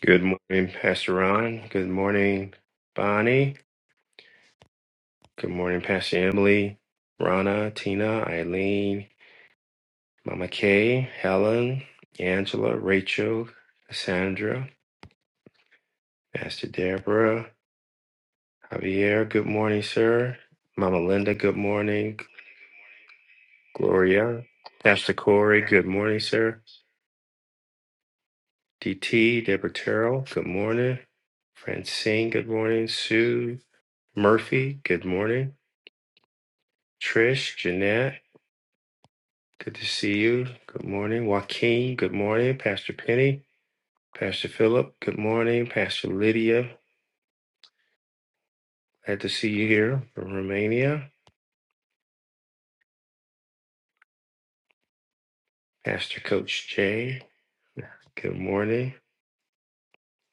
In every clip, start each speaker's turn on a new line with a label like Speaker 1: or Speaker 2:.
Speaker 1: Good morning, Pastor Ron. Good morning, Bonnie. Good morning, Pastor Emily, Rana, Tina, Eileen, Mama Kay, Helen, Angela, Rachel, Cassandra, Pastor Deborah, Javier. Good morning, sir. Mama Linda. Good morning, Gloria. Pastor Corey. Good morning, sir. DT, Deborah Terrell. Good morning. Francine. Good morning. Sue Murphy. Good morning. Trish, Jeanette. Good to see you. Good morning, Joaquin. Good morning, Pastor Penny. Pastor Philip. Good morning, Pastor Lydia. Glad to see you here from Romania. Pastor Coach Jay. Good morning,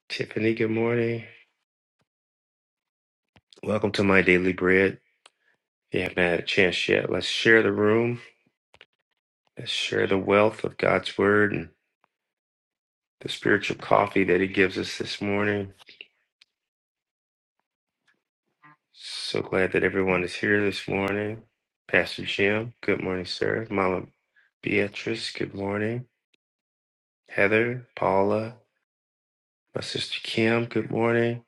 Speaker 1: Tiffany. Good morning. Welcome to my daily bread. If you haven't had a chance yet, let's share the room. Let's share the wealth of God's word and the spiritual coffee that He gives us this morning. So glad that everyone is here this morning. Pastor Jim, good morning, sir. Mama Beatrice, good morning. Heather, Paula, my sister Kim, good morning.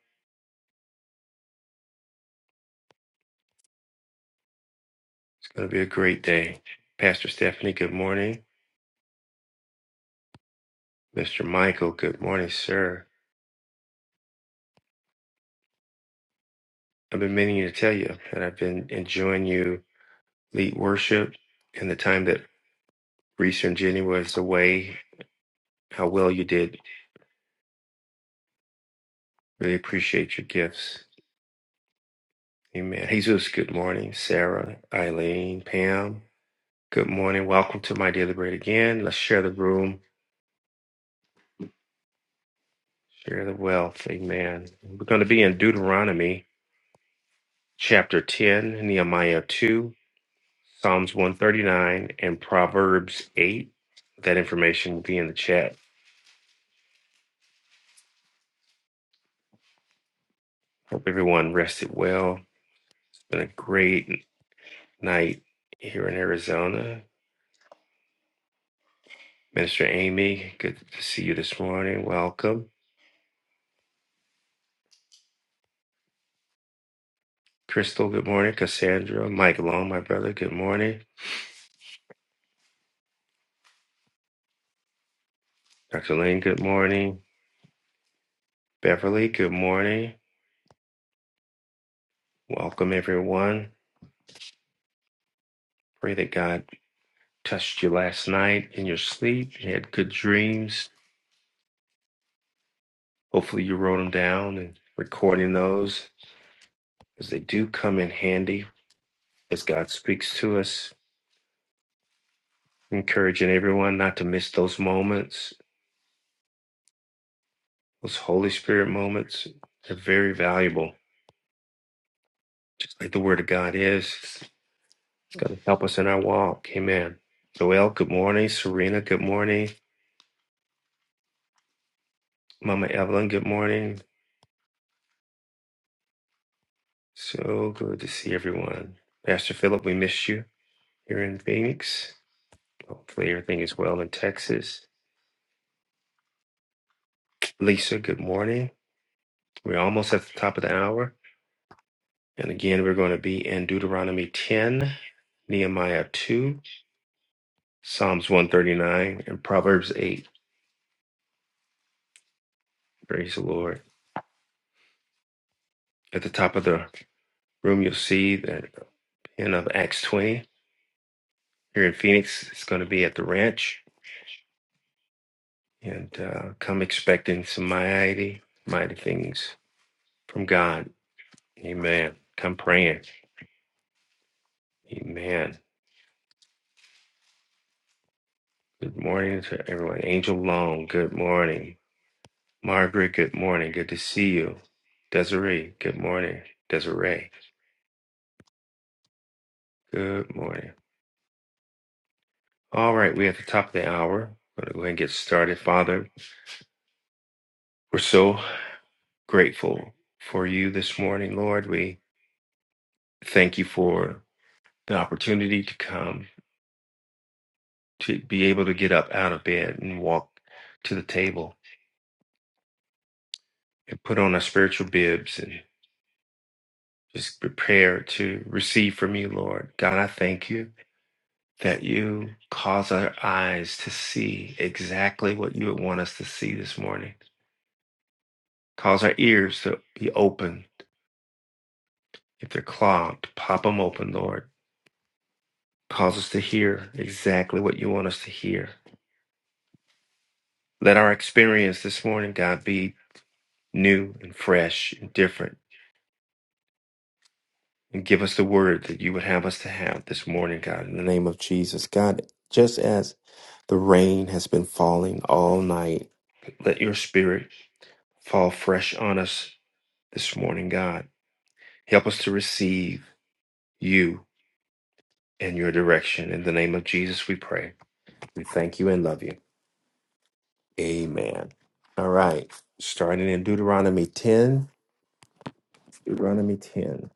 Speaker 1: It's going to be a great day. Pastor Stephanie, good morning. Mr. Michael, good morning, sir. I've been meaning to tell you that I've been enjoying you lead worship and the time that Reese and Jenny was away, how well you did. Really appreciate your gifts. Amen. Jesus, good morning. Sarah, Eileen, Pam, Good morning. Welcome to My Dear the Great again. Let's share the room, share the wealth. Amen. We're going to be in Deuteronomy chapter 10, Nehemiah 2, Psalms 139, and Proverbs 8. That information will be in the chat. Hope everyone rested well. It's been a great night here in Arizona. Minister Amy, good to see you this morning. Welcome. Crystal, good morning. Cassandra, Mike Long, my brother, good morning. Dr. Lane, good morning. Beverly, good morning. Welcome, everyone. Pray that God touched you last night in your sleep. You had good dreams. Hopefully, you wrote them down and recording those because they do come in handy as God speaks to us. Encouraging everyone not to miss those moments, those Holy Spirit moments. They're very valuable, just like the Word of God is. It's going to help us in our walk. Amen. Joel, good morning. Serena, good morning. Mama Evelyn, good morning. So good to see everyone. Pastor Philip, we missed you here in Phoenix. Hopefully, everything is well in Texas. Lisa, good morning. We're almost at the top of the hour. And again, we're going to be in Deuteronomy 10, Nehemiah 2, Psalms 139, and Proverbs 8. Praise the Lord. At the top of the room, you'll see that pin of Acts 20 here in Phoenix. It's going to be at the ranch. And uh, come expecting some mighty, mighty things from God. Amen. Come praying. Amen. Good morning to everyone. Angel Long, good morning. Margaret, good morning. Good to see you. Desiree, good morning. Desiree, good morning. All right, we're at the top of the hour. We're going to go ahead and get started. Father, we're so grateful for you this morning, Lord. We thank you for the opportunity to come, to be able to get up out of bed and walk to the table and put on our spiritual bibs and. just prepared to receive from you, Lord. God, I thank you that you cause our eyes to see exactly what you would want us to see this morning. Cause our ears to be open. If they're clogged, pop them open, Lord. Cause us to hear exactly what you want us to hear. Let our experience this morning, God, be new and fresh and different. And give us the word that you would have us to have this morning, God, in the name of Jesus. God, just as the rain has been falling all night Let your spirit fall fresh on us this morning, God. Help us to receive you and your direction. In the name of Jesus, we pray. We thank you and love you. Amen. All right. Starting in Deuteronomy 10. Deuteronomy 10.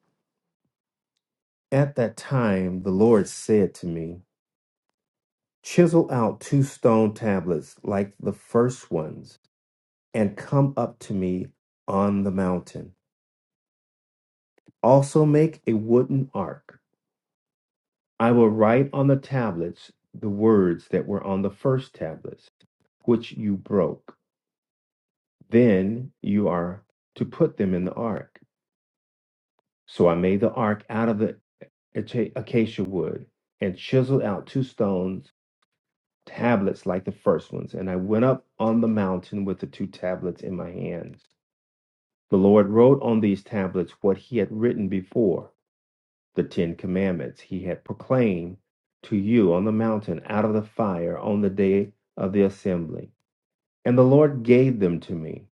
Speaker 1: At that time, the Lord said to me, Chisel out two stone tablets like the first ones and come up to me on the mountain. Also, make a wooden ark. I will write on the tablets the words that were on the first tablets, which you broke. Then you are to put them in the ark. So I made the ark out of the acacia wood and chiseled out two stones, tablets like the first ones. And I went up on the mountain with the two tablets in my hands. The Lord wrote on these tablets what he had written before the Ten Commandments he had proclaimed to you on the mountain out of the fire on the day of the assembly. And the Lord gave them to me.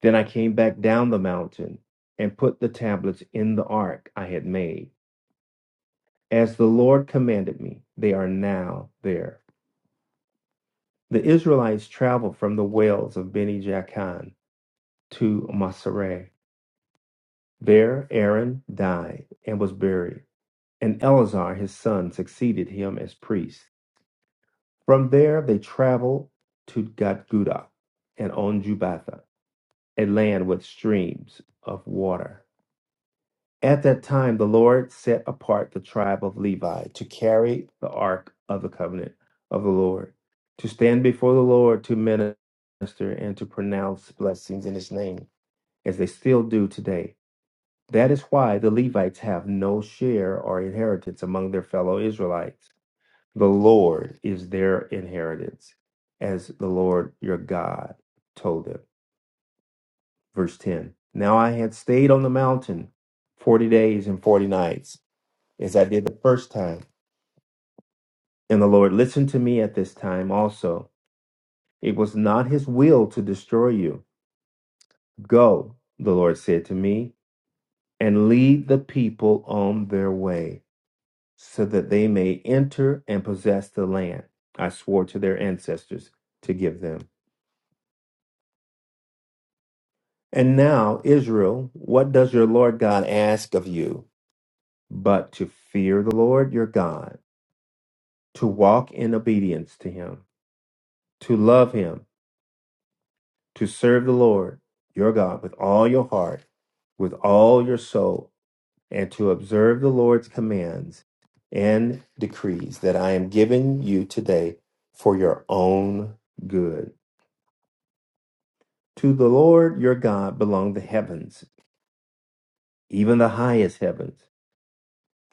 Speaker 1: Then I came back down the mountain and put the tablets in the ark I had made. As the Lord commanded me, they are now there. The Israelites traveled from the wells of Beni Jaakan to Masreh. There Aaron died and was buried, and Eleazar his son succeeded him as priest. From there, they traveled to Gadguda and Onjubatha, a land with streams of water. At that time, the Lord set apart the tribe of Levi to carry the ark of the covenant of the Lord, to stand before the Lord, to minister, and to pronounce blessings in his name, as they still do today. That is why the Levites have no share or inheritance among their fellow Israelites the Lord is their inheritance, as the Lord your God told them. Verse 10 Now I had stayed on the mountain 40 days and 40 nights, as I did the first time. And the Lord listened to me at this time also. It was not his will to destroy you. Go, the Lord said to me, and lead the people on their way, so that they may enter and possess the land I swore to their ancestors to give them. And now, Israel, what does your Lord God ask of you but to fear the Lord your God, to walk in obedience to him, to love him, to serve the Lord your God with all your heart, with all your soul, and to observe the Lord's commands and decrees that I am giving you today for your own good? To the Lord your God belong the heavens, even the highest heavens,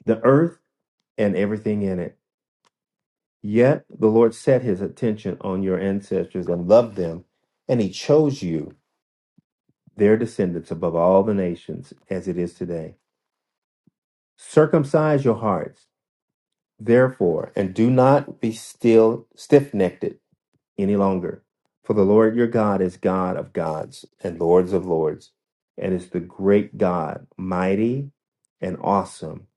Speaker 1: the earth and everything in it Yet the Lord set his attention on your ancestors and loved them, and he chose you, their descendants, above all the nations as it is today. Circumcise your hearts, therefore, and do not be still stiff necked any longer. For the Lord your God is God of gods and Lords of lords, and is the great God, mighty and awesome,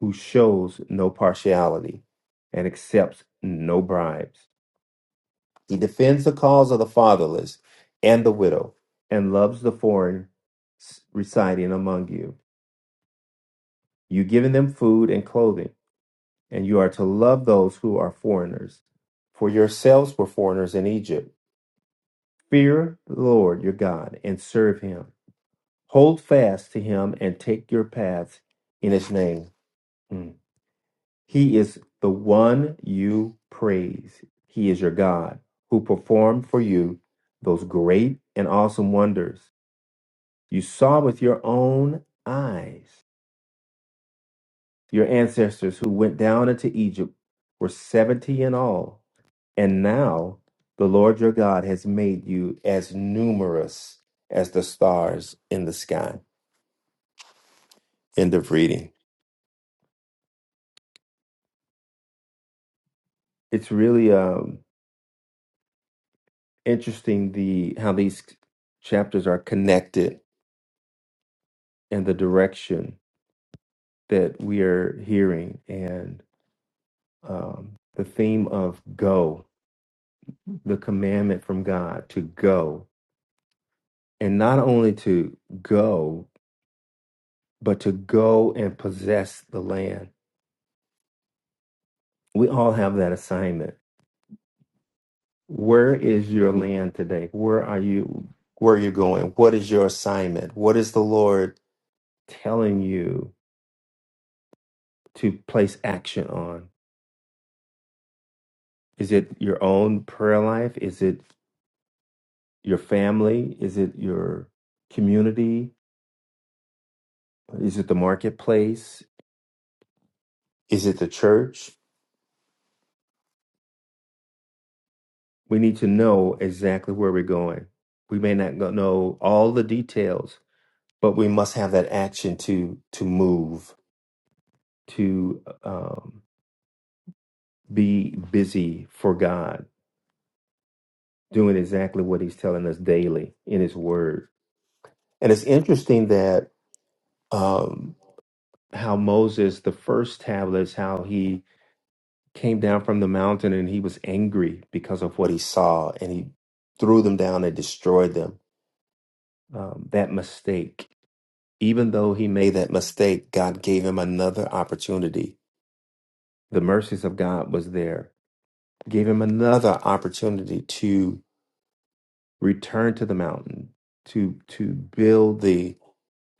Speaker 1: who shows no partiality and accepts no bribes. He defends the cause of the fatherless and the widow and loves the foreign s- residing among you. You've given them food and clothing, and you are to love those who are foreigners. For yourselves were foreigners in Egypt. Fear the Lord your God and serve him. Hold fast to him and take your paths in his name. Mm. He is the one you praise. He is your God who performed for you those great and awesome wonders You saw with your own eyes. Your ancestors who went down into Egypt were 70 in all. And now the Lord your God has made you as numerous as the stars in the sky. End of reading. It's really um, interesting the how these chapters are connected and the direction that we are hearing and um, the theme of go, the commandment from God to go. and not only to go, but to go and possess the land. We all have that assignment. Where is your land today? Where are you? Where are you going? What is your assignment? What is the Lord telling you to place action on? Is it your own prayer life? Is it your family? Is it your community? Is it the marketplace? Is it the church? we need to know exactly where we're going. We may not go- know all the details, but we must have that action to to move, to um, be busy for God, doing exactly what He's telling us daily in His Word. And it's interesting that um, how Moses, the first tablets, how he came down from the mountain and he was angry because of what he saw, and he threw them down and destroyed them. Um, that mistake Even though he made that mistake, God gave him another opportunity. The mercies of God was there, gave him another opportunity to return to the mountain, to to build the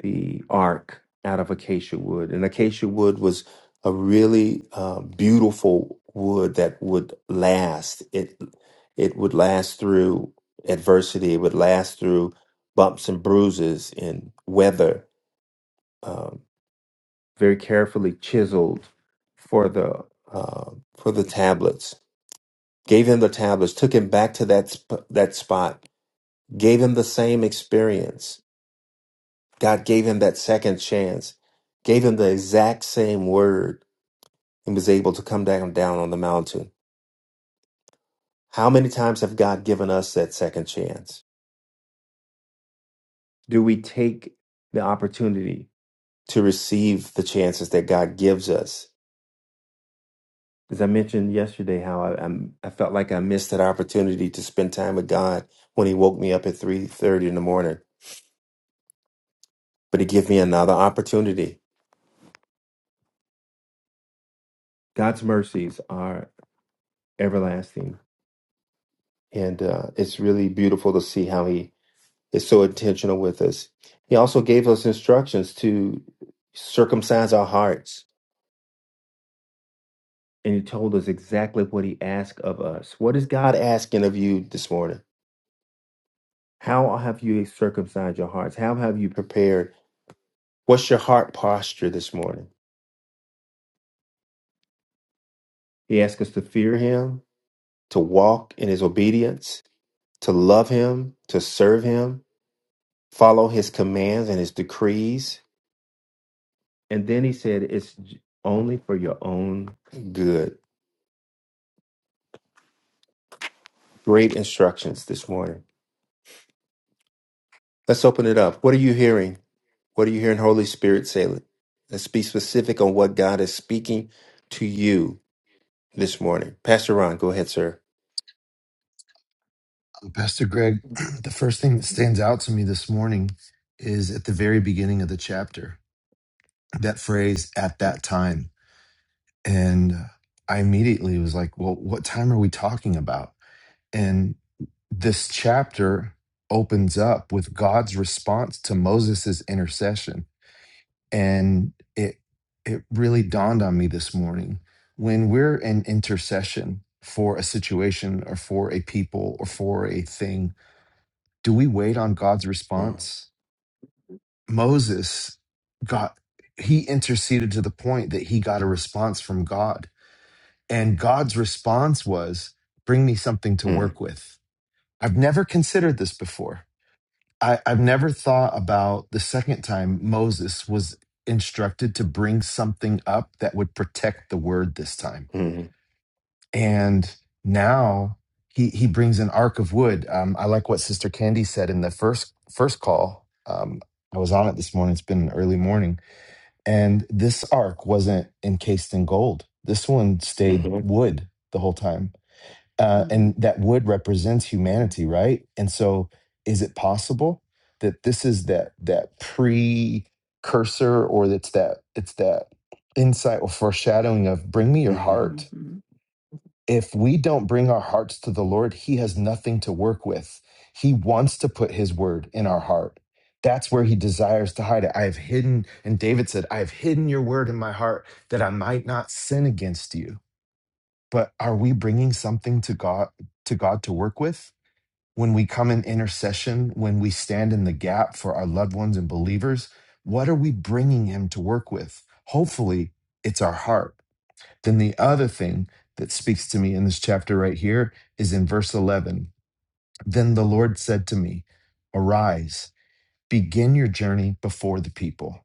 Speaker 1: the ark out of acacia wood. And acacia wood was a really uh, beautiful wood that would last. It it would last through adversity. It would last through bumps and bruises and weather um, very carefully chiseled for the uh, for the tablets. Gave him the tablets, took him back to that sp- that spot, gave him the same experience. God gave him that second chance, gave him the exact same word, and was able to come down down on the mountain. How many times have God given us that second chance? Do we take the opportunity to receive the chances that God gives us As I mentioned yesterday, how I, I'm, I felt like I missed that opportunity to spend time with God when He woke me up at three thirty in the morning, but He gave me another opportunity. God's mercies are everlasting, and uh, it's really beautiful to see how He is so intentional with us. He also gave us instructions to circumcise our hearts, and He told us exactly what He asked of us. What is God asking of you this morning? How have you circumcised your hearts? How have you prepared? What's your heart posture this morning? He asks us to fear him, to walk in his obedience, to love him, to serve him, follow his commands and his decrees. And then he said, It's j- only for your own good. Great instructions this morning. Let's open it up. What are you hearing? What are you hearing, Holy Spirit? Say it. Let's be specific on what God is speaking to you this morning. Pastor Ron, go ahead, sir.
Speaker 2: Pastor Greg, the first thing that stands out to me this morning is at the very beginning of the chapter, that phrase, at that time. And I immediately was like, well, what time are we talking about? And this chapter opens up with God's response to Moses' intercession. And it it really dawned on me this morning when we're in intercession for a situation or for a people or for a thing do we wait on God's
Speaker 1: Mm,
Speaker 2: response? Moses got, he interceded to the point that he got a response from God. And God's response was, bring me something to
Speaker 1: mm,
Speaker 2: work with. I've never considered this before. I, I've never thought about the second time Moses was instructed to bring something up that would protect the word this time
Speaker 1: mm,
Speaker 2: and now he he brings an ark of wood. Um, I like what Sister Candy said in the first first call. Um, I was on it this morning. It's been an early morning, and this ark wasn't encased in gold. This one stayed
Speaker 1: mhm.
Speaker 2: wood the whole time, uh, and that wood represents
Speaker 1: hmm
Speaker 2: humanity, right? And so, is it possible that this is that that precursor, or that's that it's that insight or foreshadowing of bring me your
Speaker 1: hmm
Speaker 2: heart if we don't bring our hearts to the Lord, He has nothing to work with. He wants to put His word in our heart. That's where He desires to hide it. I have hidden, and David said, I have hidden your word in my heart that I might not sin against you. But are we bringing something to God to God to work with? When we come in intercession, when we stand in the gap for our loved ones and believers, what are we bringing Him to work with? Hopefully, it's our heart then the other thing that speaks to me in this chapter right here is in verse 11. Then the Lord said to me, Arise, begin your journey before the people.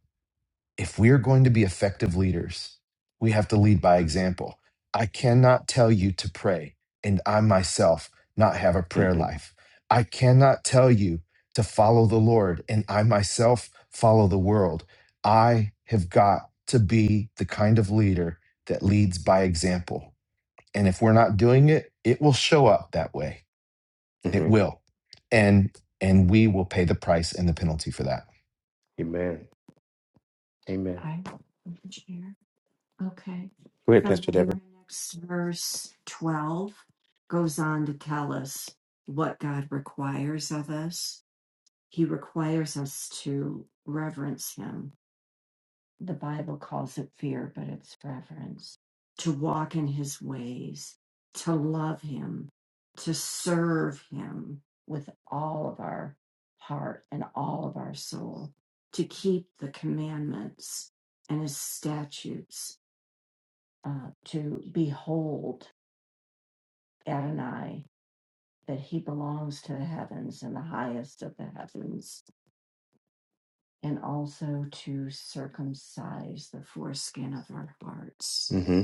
Speaker 2: If we are going to be effective leaders, we have to lead by example. I cannot tell you to pray and I myself not have a prayer
Speaker 1: hmm
Speaker 2: life. I cannot tell you to follow the Lord and I myself follow the world. I have got to be the kind of leader that leads by example and if we're not doing it it will show up that way it
Speaker 1: hmm
Speaker 2: will and and we will pay the price and the penalty for that
Speaker 1: Amen. Amen. Good. hmm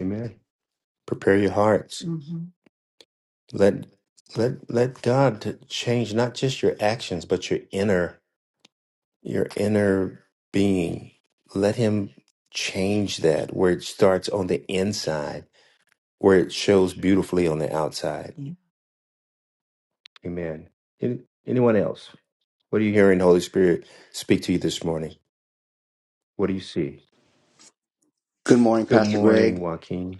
Speaker 1: Amen. Prepare your hearts. Let let let God to change not just your actions, but your inner your inner being. Let Him change that where it starts on the inside, where it shows beautifully on the outside. Amen. Any, anyone else? What are you hearing, Holy Spirit, speak to you this morning? What do you see?
Speaker 3: Good morning,
Speaker 1: Good
Speaker 3: Pastor
Speaker 1: morning,
Speaker 3: Greg.
Speaker 1: Joaquin.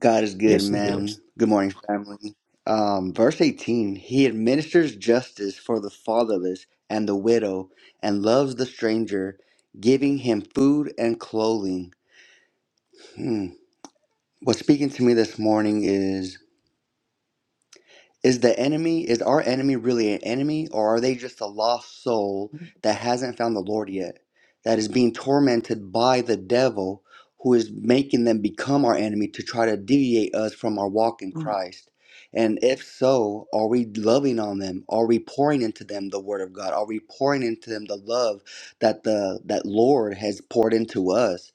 Speaker 3: God is good,
Speaker 1: Yes, it is.
Speaker 3: man. Good morning, family. Um, verse 18 He administers justice for the fatherless and the widow and loves the stranger, giving him food and clothing. Hmm. What's speaking to me this morning is Is the enemy, is our enemy really an enemy, or are they just a lost soul that hasn't found the Lord yet, that is being tormented by the devil who is making them become our enemy to try to deviate us from our walk in Christ? And if so, are we loving on them? Are we pouring into them the word of God? Are we pouring into them the love that the that Lord has poured into us?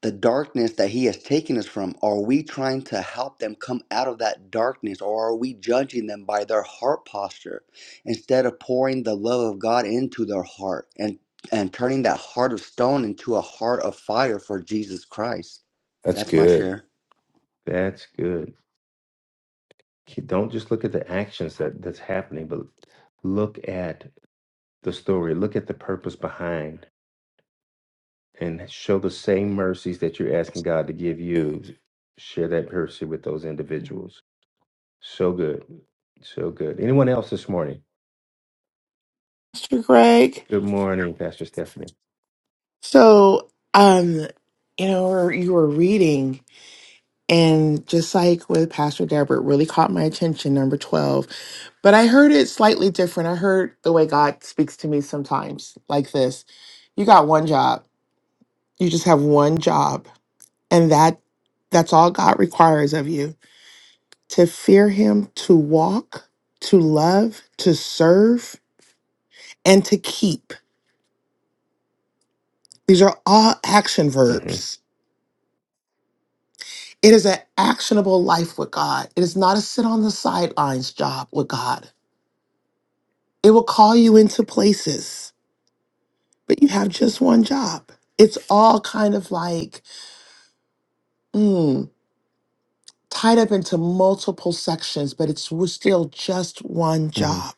Speaker 3: the darkness that he has taken us from are we trying to help them come out of that darkness or are we judging them by their heart posture instead of pouring the love of god into their heart and and turning that heart of stone into a heart of fire for jesus christ
Speaker 1: That's
Speaker 3: that's my
Speaker 1: good.
Speaker 3: share
Speaker 1: That's good. Ke- Don't just look at the actions that that's happening, but look at the story. Look at the purpose behind, and show the same mercies that you're asking God to give you. Share that mercy with those individuals. So good, so good. Anyone else this morning?
Speaker 4: Mr. Greg.
Speaker 1: Good morning, Pastor Stephanie.
Speaker 4: So, um, you know, or you were reading, and just like with Pastor Deborah, it really caught my attention, number 12. But I heard it slightly different. I heard the way God speaks to me sometimes, like this You got one job, you just have one job, and that that's all God requires of you to fear Him, to walk, to love, to serve, and to keep. These are all action
Speaker 1: hmm
Speaker 4: verbs It is an actionable life with God. It is not a sit on the sidelines job with God. It will call you into places, but you have just one job. It's all kind of like mm, tied up into multiple sections, but it's w- still just one
Speaker 1: hmm
Speaker 4: job.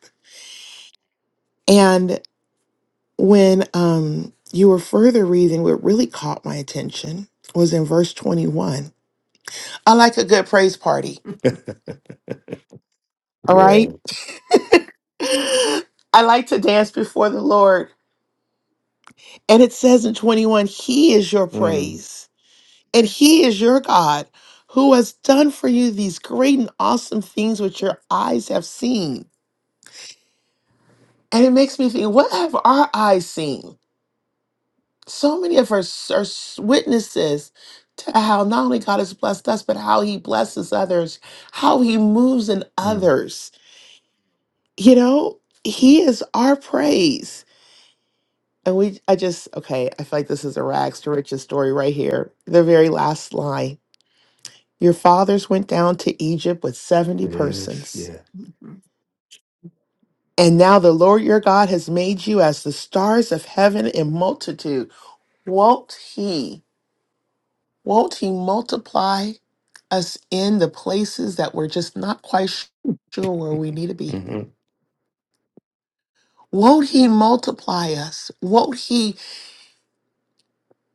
Speaker 4: And when um, you were further reading, what really caught my attention was in verse 21. I like a good praise party, all
Speaker 1: yeah.
Speaker 4: right? I like to dance before the Lord. And it says in 21, He is your
Speaker 1: mm
Speaker 4: praise, and He is your God, who has done for you these great and awesome things which your eyes have seen. And it makes me think, what have our eyes seen? So many of us are s- witnesses to how not only God has blessed us, but how He blesses others, how He moves in
Speaker 1: mm.
Speaker 4: others. You know, He is our praise. And we, I just, okay, I feel like this is a rags to riches story right here. The very last line. Your fathers went down to Egypt with 70
Speaker 1: Yes.
Speaker 4: persons.
Speaker 1: Yeah.
Speaker 4: And now the Lord your God has made you as the stars of heaven in multitude. Won't he, won't he multiply us in the places that we're just not quite sh- sure where we need to be?
Speaker 1: hmm
Speaker 4: Won't he multiply us? Won't he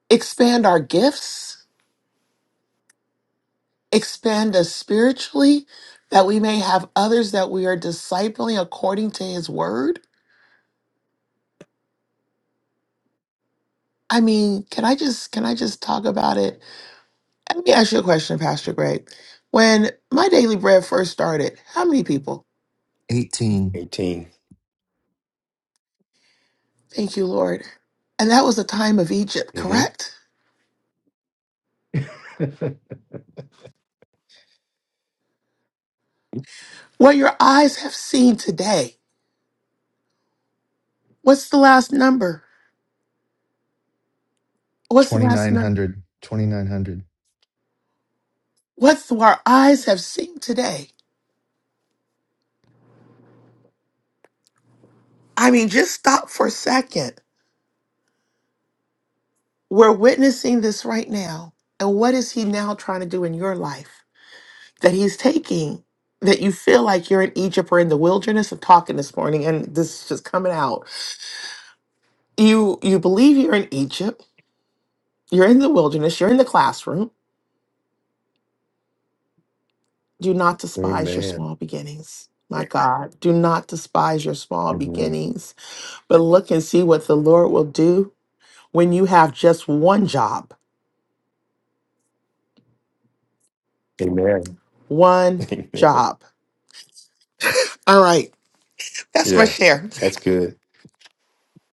Speaker 4: expand our gifts, expand us spiritually, that we may have others that we are discipling according to his word? I mean, can I just can I just talk about it? Let me ask you a question, Pastor Greg. When my daily bread first started, how many people?
Speaker 2: Eighteen
Speaker 1: 18
Speaker 4: Thank you, Lord. And that was the time of Egypt,
Speaker 1: hmm
Speaker 4: correct? What your eyes have seen today. What's the last number? What's the
Speaker 2: twenty
Speaker 4: last
Speaker 2: nine
Speaker 4: number?
Speaker 2: hundred twenty nine hundred.
Speaker 4: What's the, our eyes have seen today? I mean, just stop for a second. We're witnessing this right now. And what is he now trying to do in your life? that he's taking that you feel like you're in Egypt or in the wilderness of talking this morning and this is just coming out. You you believe you're in Egypt, you're in the wilderness, you're in the classroom. Do not despise your small beginnings. My Right. God, do not despise your small
Speaker 1: Amen.
Speaker 4: beginnings, but look and see what the Lord will do when you have just one job.
Speaker 1: Amen.
Speaker 4: One
Speaker 1: Amen.
Speaker 4: job. All right. That's my
Speaker 1: Yeah,
Speaker 4: share.
Speaker 1: that's good.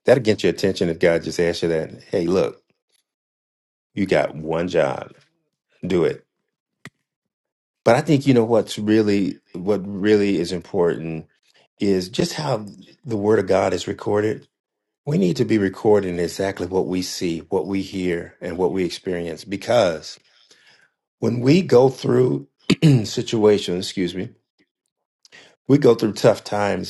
Speaker 1: That'll get your attention if God just asks you that. Hey, look, you got one job. Do it. But I think you know what's really what really is important is just how the word of God is recorded. We need to be recording exactly what we see, what we hear, and what we experience because when we go through situations, excuse me, we go through tough times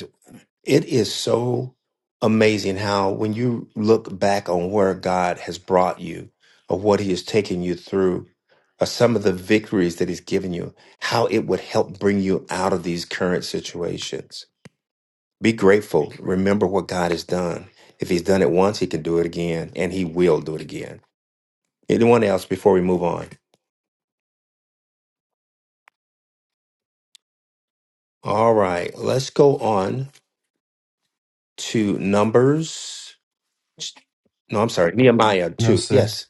Speaker 1: It is so amazing how, when you look back on where God has brought you or what He has taken you through, or some of the victories that He's given you, how it would help bring you out of these current situations. Be grateful. Remember what God has done. If He's done it once, He can do it again, and He will do it again. Anyone else before we move on? All right, let's go on to Numbers. No, I'm sorry, Nehemiah
Speaker 2: no
Speaker 1: 2.
Speaker 2: sir
Speaker 1: Yes.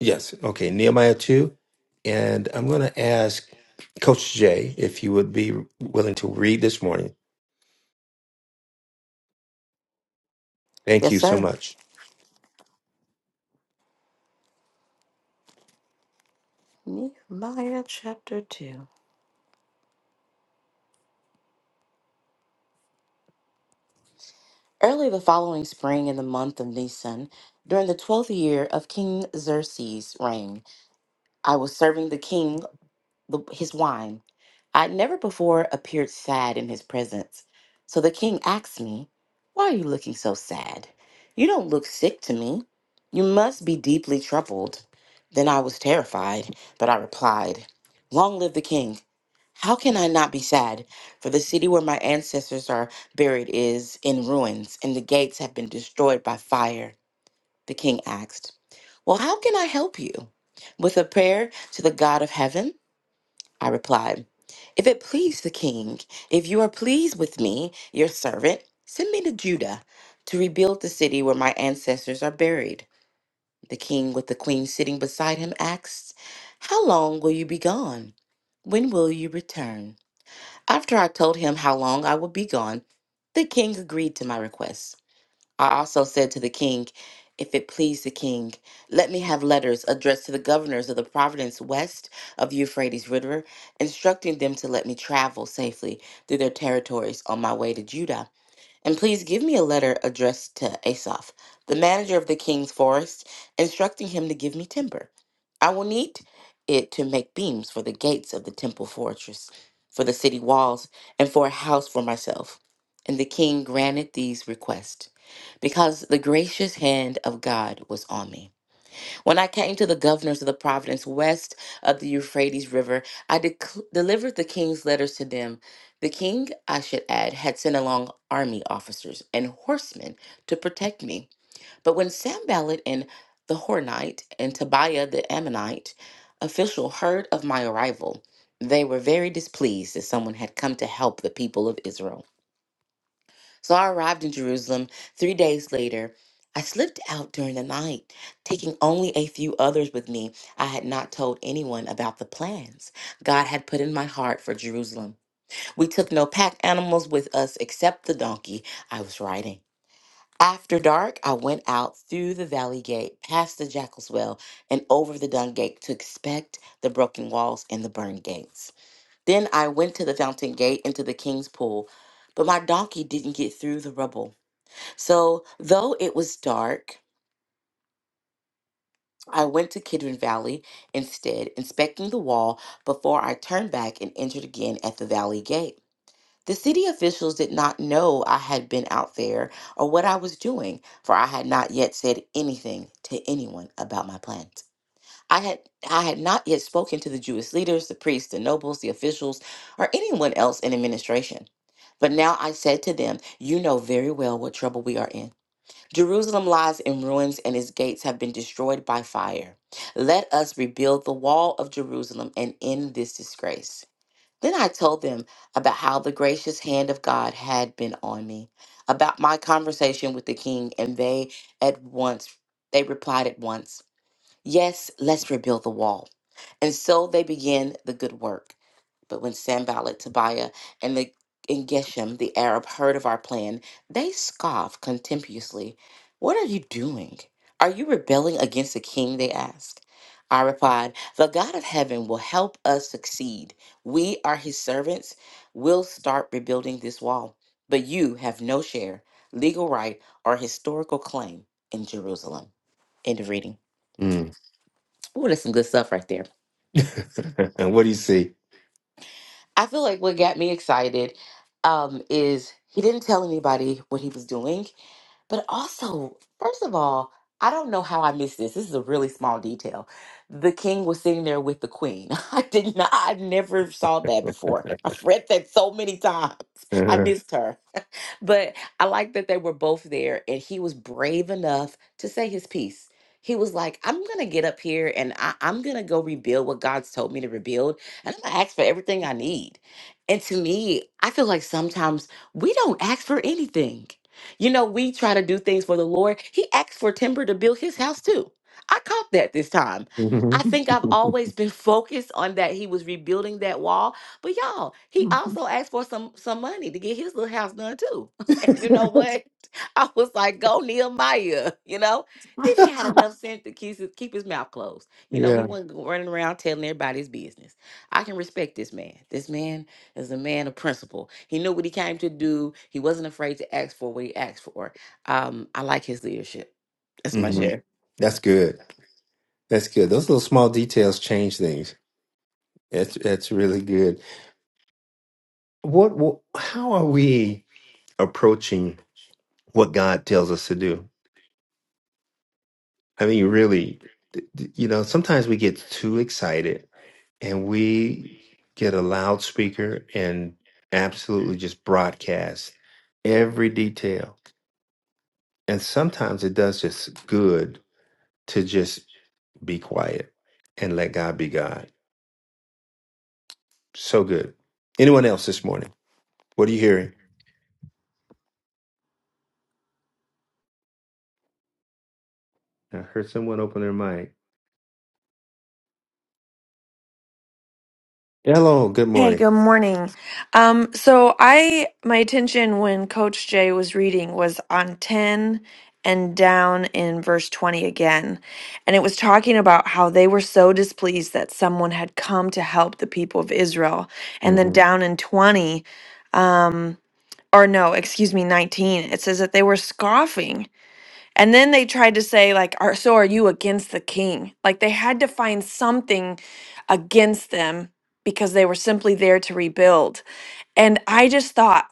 Speaker 1: Yes. Okay. Nehemiah 2. And I'm going to ask Coach Jay if you would be willing to read this morning. Thank
Speaker 5: Yes,
Speaker 1: you so
Speaker 5: sir.
Speaker 1: much.
Speaker 5: Nehemiah chapter 2. Early the following spring in the month of Nisan, during the twelfth year of King Xerxes' reign, I was serving the king the, his wine. I had never before appeared sad in his presence. So the king asked me, Why are you looking so sad? You don't look sick to me. You must be deeply troubled. Then I was terrified, but I replied, Long live the king. How can I not be sad? For the city where my ancestors are buried is in ruins, and the gates have been destroyed by fire. The king asked, Well, how can I help you? With a prayer to the God of heaven? I replied, If it please the king, if you are pleased with me, your servant, send me to Judah to rebuild the city where my ancestors are buried. The king, with the queen sitting beside him, asked, How long will you be gone? When will you return? After I told him how long I would be gone, the king agreed to my request. I also said to the king, If it please the king, let me have letters addressed to the governors of the province west of Euphrates River, instructing them to let me travel safely through their territories on my way to Judah. And please give me a letter addressed to Asaph, the manager of the king's forest, instructing him to give me timber. I will need it to make beams for the gates of the temple fortress, for the city walls, and for a house for myself. And the king granted these requests because the gracious hand of God was on me. When I came to the governors of the province west of the Euphrates River, I dec- delivered the king's letters to them. The king, I should add, had sent along army officers and horsemen to protect me. But when Samballat and the Hornite and Tobiah the Ammonite official heard of my arrival, they were very displeased that someone had come to help the people of Israel. So I arrived in Jerusalem three days later. I slipped out during the night, taking only a few others with me. I had not told anyone about the plans God had put in my heart for Jerusalem. We took no pack animals with us except the donkey I was riding. After dark, I went out through the valley gate, past the jackal's well, and over the dung gate to inspect the broken walls and the burned gates. Then I went to the fountain gate into the king's pool, but my donkey didn't get through the rubble. So, though it was dark, I went to Kidron Valley instead, inspecting the wall before I turned back and entered again at the valley gate. The city officials did not know I had been out there or what I was doing, for I had not yet said anything to anyone about my plans. I had I had not yet spoken to the Jewish leaders, the priests, the nobles, the officials, or anyone else in administration. But now I said to them, "You know very well what trouble we are in." Jerusalem lies in ruins and its gates have been destroyed by fire. Let us rebuild the wall of Jerusalem and end this disgrace. Then I told them about how the gracious hand of God had been on me, about my conversation with the king, and they at once they replied at once, "Yes, let's rebuild the wall." And so they began the good work. But when Sanballat, Tobiah, and the and Geshem, the Arab, heard of our plan, they scoffed contemptuously. What are you doing? Are you rebelling against the king? They asked. I replied, The God of heaven will help us succeed. We are his servants. We'll start rebuilding this wall. But you have no share, legal right, or historical claim in Jerusalem. End of reading.
Speaker 1: Mm.
Speaker 5: Ooh, that's some good stuff right there.
Speaker 1: and what do you see?
Speaker 5: I feel like what got me excited um, is he didn't tell anybody what he was doing, but also, first of all, I don't know how I missed this. This is a really small detail. The king was sitting there with the queen. I did not. I never saw that before. I've read that so many times. I missed her but I like that they were both there and he was brave enough to say his piece. He was like, I'm going to get up here and I, I'm going to go rebuild what God's told me to rebuild. And I'm going to ask for everything I need. And to me, I feel like sometimes we don't ask for anything. You know, we try to do things for the Lord. He asked for timber to build his house too. I caught that this time. I
Speaker 1: Mhm.
Speaker 5: think I've always been focused on that he was rebuilding that wall. But y'all, he also asked for some some money to get his little house done too. And you know what? I was like, go Nehemiah, you know? Then he had enough sense to keep his, keep his mouth closed. You know, he
Speaker 1: Yeah.
Speaker 5: wasn't go- running around telling everybody his business. I can respect this man. This man is a man of principle. He knew what he came to do. He wasn't afraid to ask for what he asked for. Um, I like his leadership. That's my
Speaker 1: hmm
Speaker 5: share.
Speaker 1: That's good. That's good. Those little small details change things. That's that's really good. What, what? How are we approaching what God tells us to do? I mean, really, th- th- you know, sometimes we get too excited and we get a loudspeaker and absolutely just broadcast every detail. And sometimes it does just good to just be quiet and let God be God. So good. Anyone else this morning? What are you hearing? I heard someone open their mic. Hello, good
Speaker 6: Hey,
Speaker 1: morning.
Speaker 6: good morning. Um, so I my attention when Coach Jay was reading was on 10 and down in verse 20 again. And it was talking about how they were so displeased that someone had come to help the people of Israel. And then
Speaker 1: Mm-hmm.
Speaker 6: down in 20, um, or no, excuse me, 19, it says that they were scoffing. And then they tried to say, like, are, so are you against the king? Like they had to find something against them because they were simply there to rebuild. And I just thought,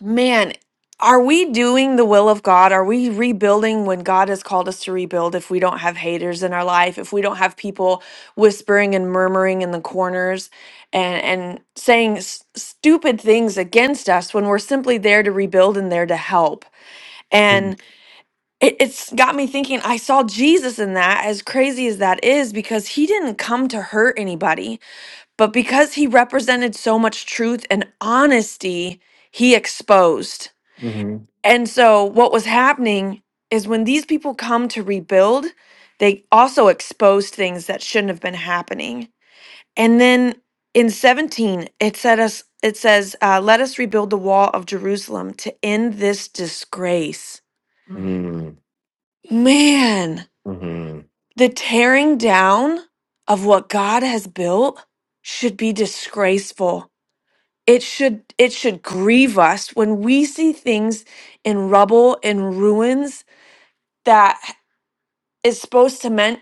Speaker 6: man, are we doing the will of God? Are we rebuilding when God has called us to rebuild if we don't have haters in our life, if we don't have people whispering and murmuring in the corners and, and saying s- stupid things against us when we're simply there to rebuild and there to help? it, it's got me thinking i saw jesus in that as crazy as that is because he didn't come to hurt anybody but because he represented so much truth and honesty he exposed
Speaker 1: Mm-hmm.
Speaker 6: and so what was happening is when these people come to rebuild they also exposed things that shouldn't have been happening and then in 17 it said us it says uh, let us rebuild the wall of jerusalem to end this disgrace
Speaker 1: Mm-hmm.
Speaker 6: man
Speaker 1: Mm-hmm.
Speaker 6: The tearing down of what God has built should be disgraceful. It should it should grieve us when we see things in rubble and ruins that is supposed to meant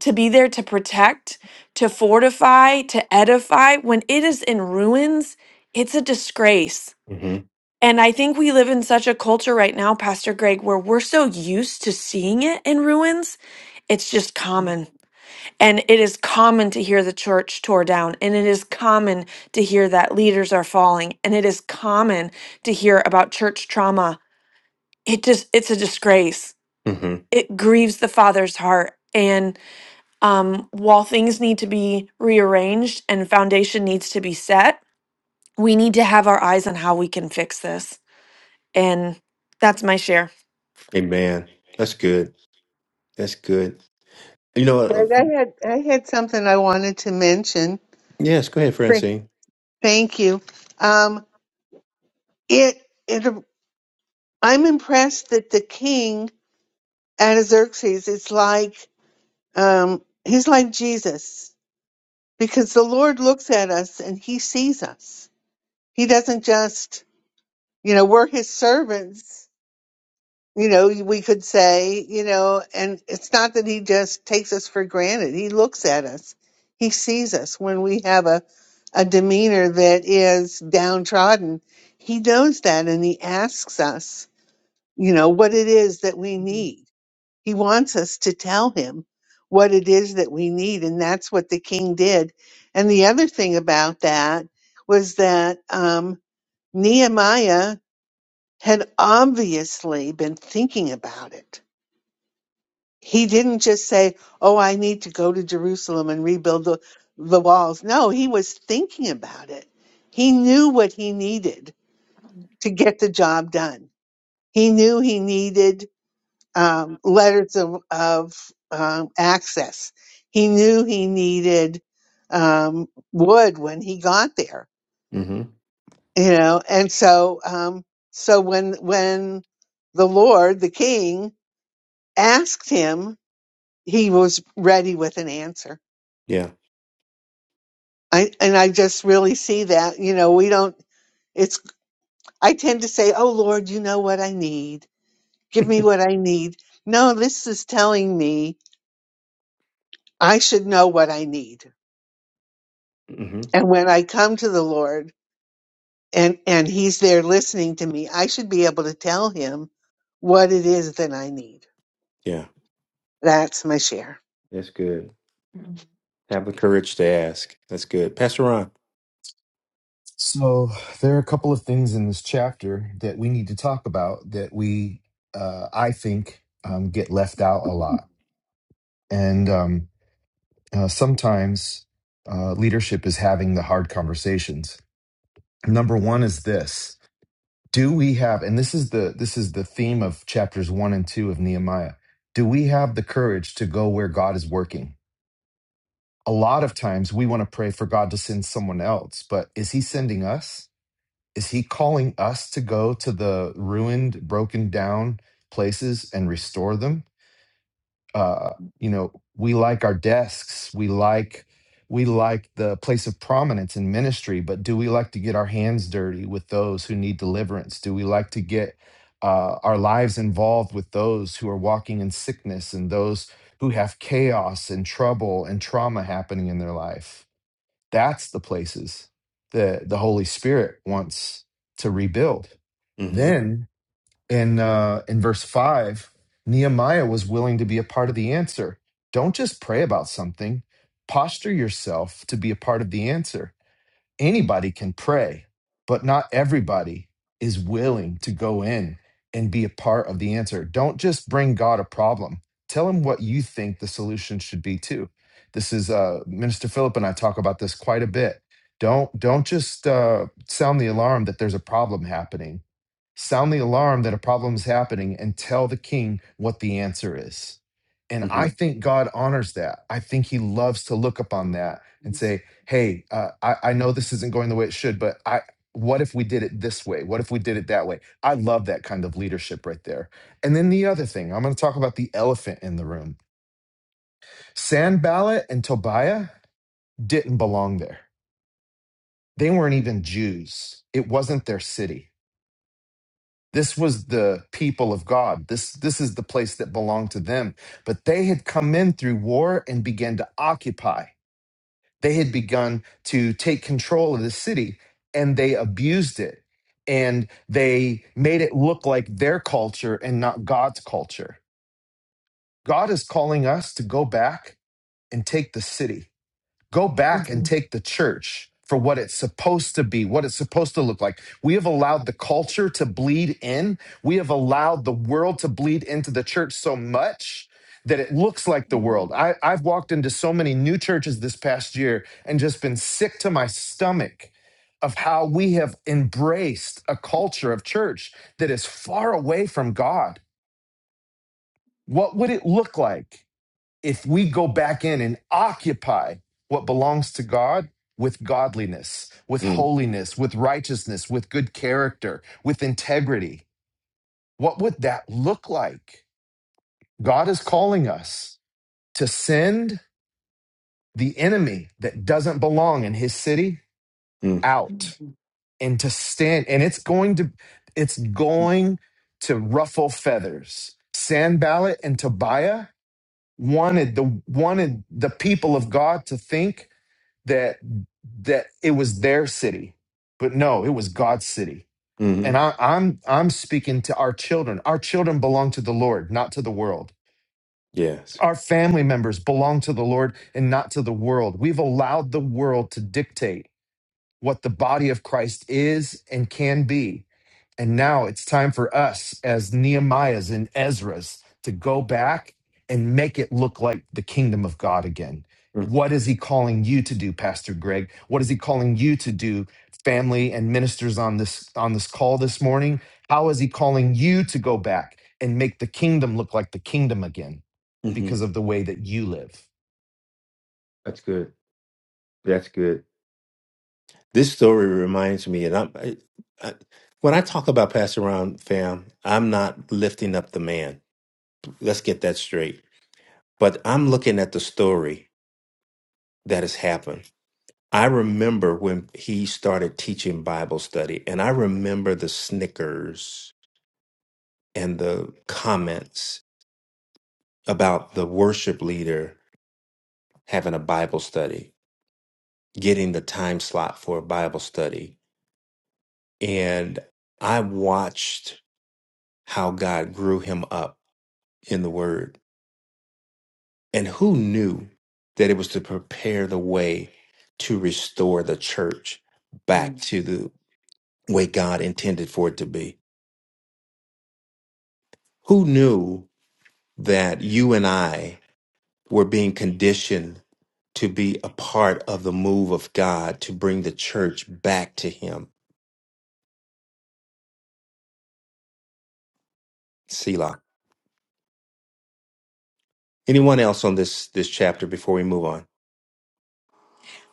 Speaker 6: to be there to protect, to fortify, to edify when it is in ruins, it's a disgrace. And I think we live in such a culture right now, Pastor Greg, where we're so used to seeing it in ruins, it's just common and it is common to hear the church tore down, and it is common to hear that leaders are falling, and it is common to hear about church trauma. It just, it's a disgrace.
Speaker 1: Mm-hmm.
Speaker 6: It grieves the Father's heart. And um, while things need to be rearranged and foundation needs to be set, we need to have our eyes on how we can fix this. And that's my share.
Speaker 1: Amen. That's good. That's good. You know, uh,
Speaker 7: Greg, I had I had something I wanted to mention.
Speaker 1: yes, go ahead,
Speaker 7: Great.
Speaker 1: Francine.
Speaker 7: Thank you. Um, it it I'm impressed that the king Ataxerxes is like um, he's like Jesus because the Lord looks at us and he sees us. He doesn't just you know we're his servants you know, we could say, you know, and it's not that he just takes us for granted. He looks at us. He sees us when we have a, a demeanor that is downtrodden. He knows that and he asks us, you know, what it is that we need. He wants us to tell him what it is that we need. And that's what the king did. And the other thing about that was that um, Nehemiah had obviously been thinking about it he didn't just say, Oh, I need to go to Jerusalem and rebuild the, the walls. No, he was thinking about it. He knew what he needed to get the job done. He knew he needed um, letters of, of um, access. He knew he needed um, wood when he got there,
Speaker 1: hmm
Speaker 7: you know. And so, um, so when when the Lord, the King, asked him, he was ready with an answer.
Speaker 1: Yeah.
Speaker 7: I and I just really see that, you know, we don't it's I tend to say, "Oh Lord, you know what I need. Give me what I need." No, this is telling me I should know what I need.
Speaker 1: hmm
Speaker 7: And when I come to the Lord and and he's there listening to me, I should be able to tell him what it is that I need.
Speaker 1: Yeah.
Speaker 7: That's my share.
Speaker 1: That's good. Have the courage to ask. That's good. Pastor Ron.
Speaker 2: so there are a couple of things in this chapter that we need to talk about that we uh, i think um, get left out a lot and um, uh, sometimes uh, leadership is having the hard conversations. Number one is this: Do we have? And this is the this is the theme of chapters one and two of Nehemiah. Do we have the courage to go where God is working? A lot of times we want to pray for God to send someone else, but is He sending us? Is He calling us to go to the ruined, broken down places and restore them? uh, you know we like our desks we like we like the place of prominence in ministry but do we like to get our hands dirty with those who need deliverance do we like to get uh, our lives involved with those who are walking in sickness and those who have chaos and trouble and trauma happening in their life that's the places that the holy spirit wants to rebuild
Speaker 1: hmm
Speaker 2: then in uh, in verse five, Nehemiah was willing to be a part of the answer. Don't just pray about something; posture yourself to be a part of the answer anybody can pray, but not everybody is willing to go in and be a part of the answer. Don't just bring God a problem. Tell him what you think the solution should be too. This is uh, Minister Philip and I talk about this quite a bit. Don't don't just uh, sound the alarm that there's a problem happening. Sound the alarm that a problem is happening and tell the king what the answer is. And
Speaker 1: hmm
Speaker 2: I think God honors that. I think he loves to look upon that and say, hey uh, I, I know this isn't going the way it should but i what if we did it this way what if we did it that way i love that kind of leadership right there and then the other thing i'm going to talk about the elephant in the room sanballat and tobiah didn't belong there they weren't even jews it wasn't their city this was the people of god this this is the place that belonged to them but they had come in through war and began to occupy they had begun to take control of the city and they abused it and they made it look like their culture and not God's culture. God is calling us to go back and take the city go back and take the church for what it's supposed to be, what it's supposed to look like. We have allowed the culture to bleed in. We have allowed the world to bleed into the church so much that it looks like the world. I, I've walked into so many new churches this past year and just been sick to my stomach of how we have embraced a culture of church that is far away from God. What would it look like? if we go back in and occupy what belongs to God with godliness, with
Speaker 1: Mm-hmm.
Speaker 2: holiness, with righteousness, with good character, with integrity, what would that look like? God is calling us to send the enemy that doesn't belong in his city out and to stand and it's going to it's going to ruffle feathers. Sanballat and Tobiah wanted the wanted the people of God to think that that it was their city but no it was god's city
Speaker 1: hmm
Speaker 2: and I, i'm i'm speaking to our children our children belong to the lord not to the world
Speaker 1: Yes.
Speaker 2: our family members belong to the lord and not to the world we've allowed the world to dictate what the body of Christ is and can be. And now it's time for us as Nehemiahs and Ezras to go back and make it look like the kingdom of God again. What is he calling you to do, Pastor Greg? What is he calling you to do, family and ministers on this on this call this morning? How is he calling you to go back and make the kingdom look like the kingdom again
Speaker 1: Mm-hmm.
Speaker 2: because of the way that you live?
Speaker 1: That's good. That's good. This story reminds me, and I'm, I, I, when I talk about Pastor Ron, fam, I'm not lifting up the man. Let's get that straight. But I'm looking at the story that has happened I remember when he started teaching Bible study, and I remember the snickers and the comments about the worship leader having a Bible study, getting the time slot for a Bible study. And I watched how God grew him up in the word. And who knew that it was to prepare the way to restore the church back to the way God intended for it to be? Who knew that you and I were being conditioned to be a part of the move of God to bring the church back to Him. Selah. Anyone else on this this chapter before we move on?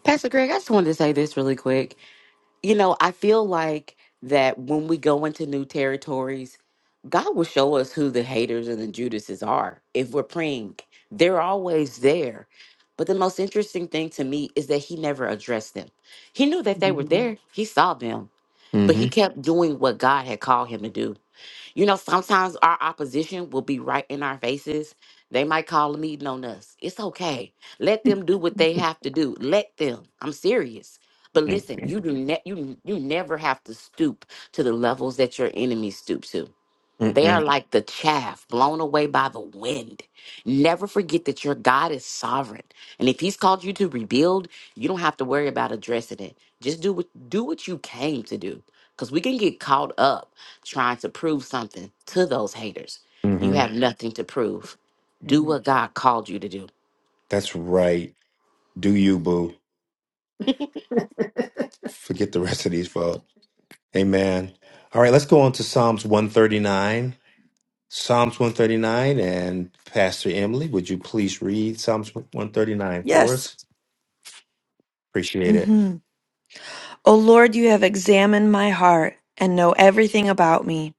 Speaker 5: Pastor Greg, I just wanted to say this really quick. You know, I feel like that when we go into new territories, God will show us who the haters and the Judases are if we're praying. They're always there. But the most interesting thing to me is that he never addressed them. He knew that they were there, he saw them, but he
Speaker 1: Mm-hmm.
Speaker 5: kept doing what God had called him to do. You know, sometimes our opposition will be right in our faces. They might call a meeting on us. It's okay. Let them do what they have to do. Let them. I'm serious. But listen, you do ne- you you never have to stoop to the levels that your enemy stoop to. They are
Speaker 1: Mm-mm.
Speaker 5: like the chaff blown away by the wind. Never forget that your God is sovereign. And if he's called you to rebuild, you don't have to worry about addressing it. Just do what do what you came to do. Because we can get caught up trying to prove something to those haters. You
Speaker 1: Mm-hmm.
Speaker 5: have Mhm. nothing to prove. Do what God called you to do.
Speaker 1: That's right. Do you, boo. Forget the rest of these folks. Amen. All right, let's go on to Psalms 139. Psalms 139, and Pastor Emily, would you please read Psalms 139 for
Speaker 6: Yes.
Speaker 1: us? Appreciate it.
Speaker 6: Mm-hmm. O Lord, you have examined my heart and know everything about me.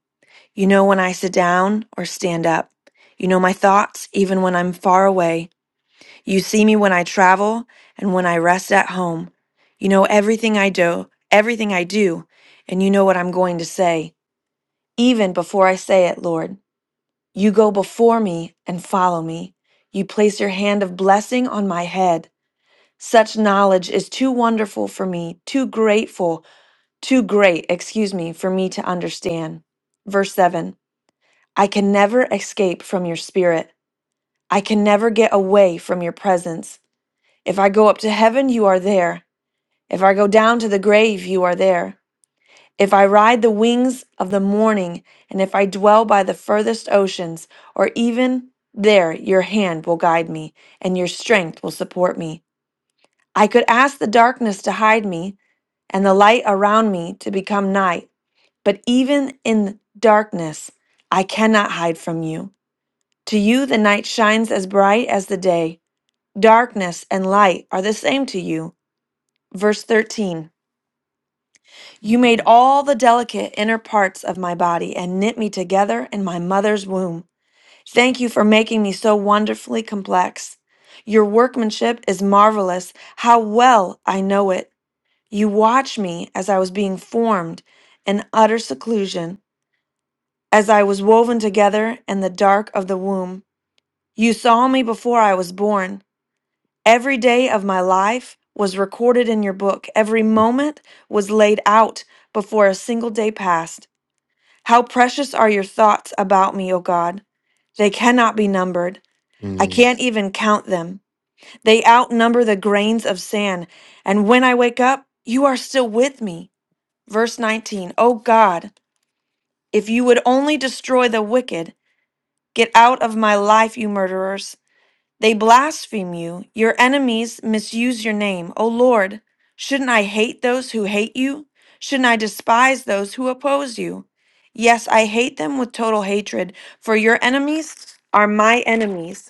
Speaker 6: You know when I sit down or stand up. You know my thoughts even when I'm far away. You see me when I travel and when I rest at home. You know everything I do, everything I do, and you know what I'm going to say, even before I say it, Lord. You go before me and follow me. You place your hand of blessing on my head. Such knowledge is too wonderful for me, too grateful, too great, excuse me, for me to understand. Verse 7. I can never escape from your spirit. I can never get away from your presence. If I go up to heaven, you are there. If I go down to the grave, you are there. If I ride the wings of the morning, and if I dwell by the furthest oceans, or even there, your hand will guide me, and your strength will support me. I could ask the darkness to hide me, and the light around me to become night, but even in darkness, I cannot hide from you. To you, the night shines as bright as the day. Darkness and light are the same to you. Verse 13 You made all the delicate inner parts of my body and knit me together in my mother's womb. Thank you for making me so wonderfully complex. Your workmanship is marvelous. How well I know it. You watched me as I was being formed in utter seclusion, as I was woven together in the dark of the womb. You saw me before I was born. Every day of my life was recorded in your book. Every moment was laid out before a single day passed. How precious are your thoughts about me, O God! They cannot be numbered. I
Speaker 1: Mm.
Speaker 6: can't even count them. They outnumber the grains of sand. And when I wake up, you are still with me. Verse 19 O God, if you would only destroy the wicked, get out of my life, you murderers. They blaspheme you. Your enemies misuse your name. O Lord, shouldn't I hate those who hate you? Shouldn't I despise those who oppose you? Yes, I hate them with total hatred, for your enemies are my enemies.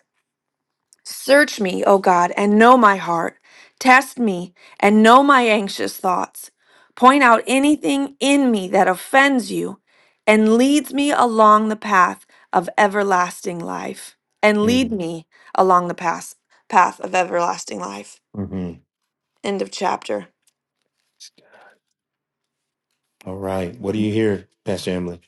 Speaker 6: Search me, O God, and know my heart. Test me and know my anxious thoughts. Point out anything in me that offends you and leads me along the path of everlasting life. And lead
Speaker 1: Mm,
Speaker 6: me along the path, path of everlasting life.
Speaker 1: Mm-hmm.
Speaker 6: End of chapter.
Speaker 1: All right. What do you hear, Pastor Emily?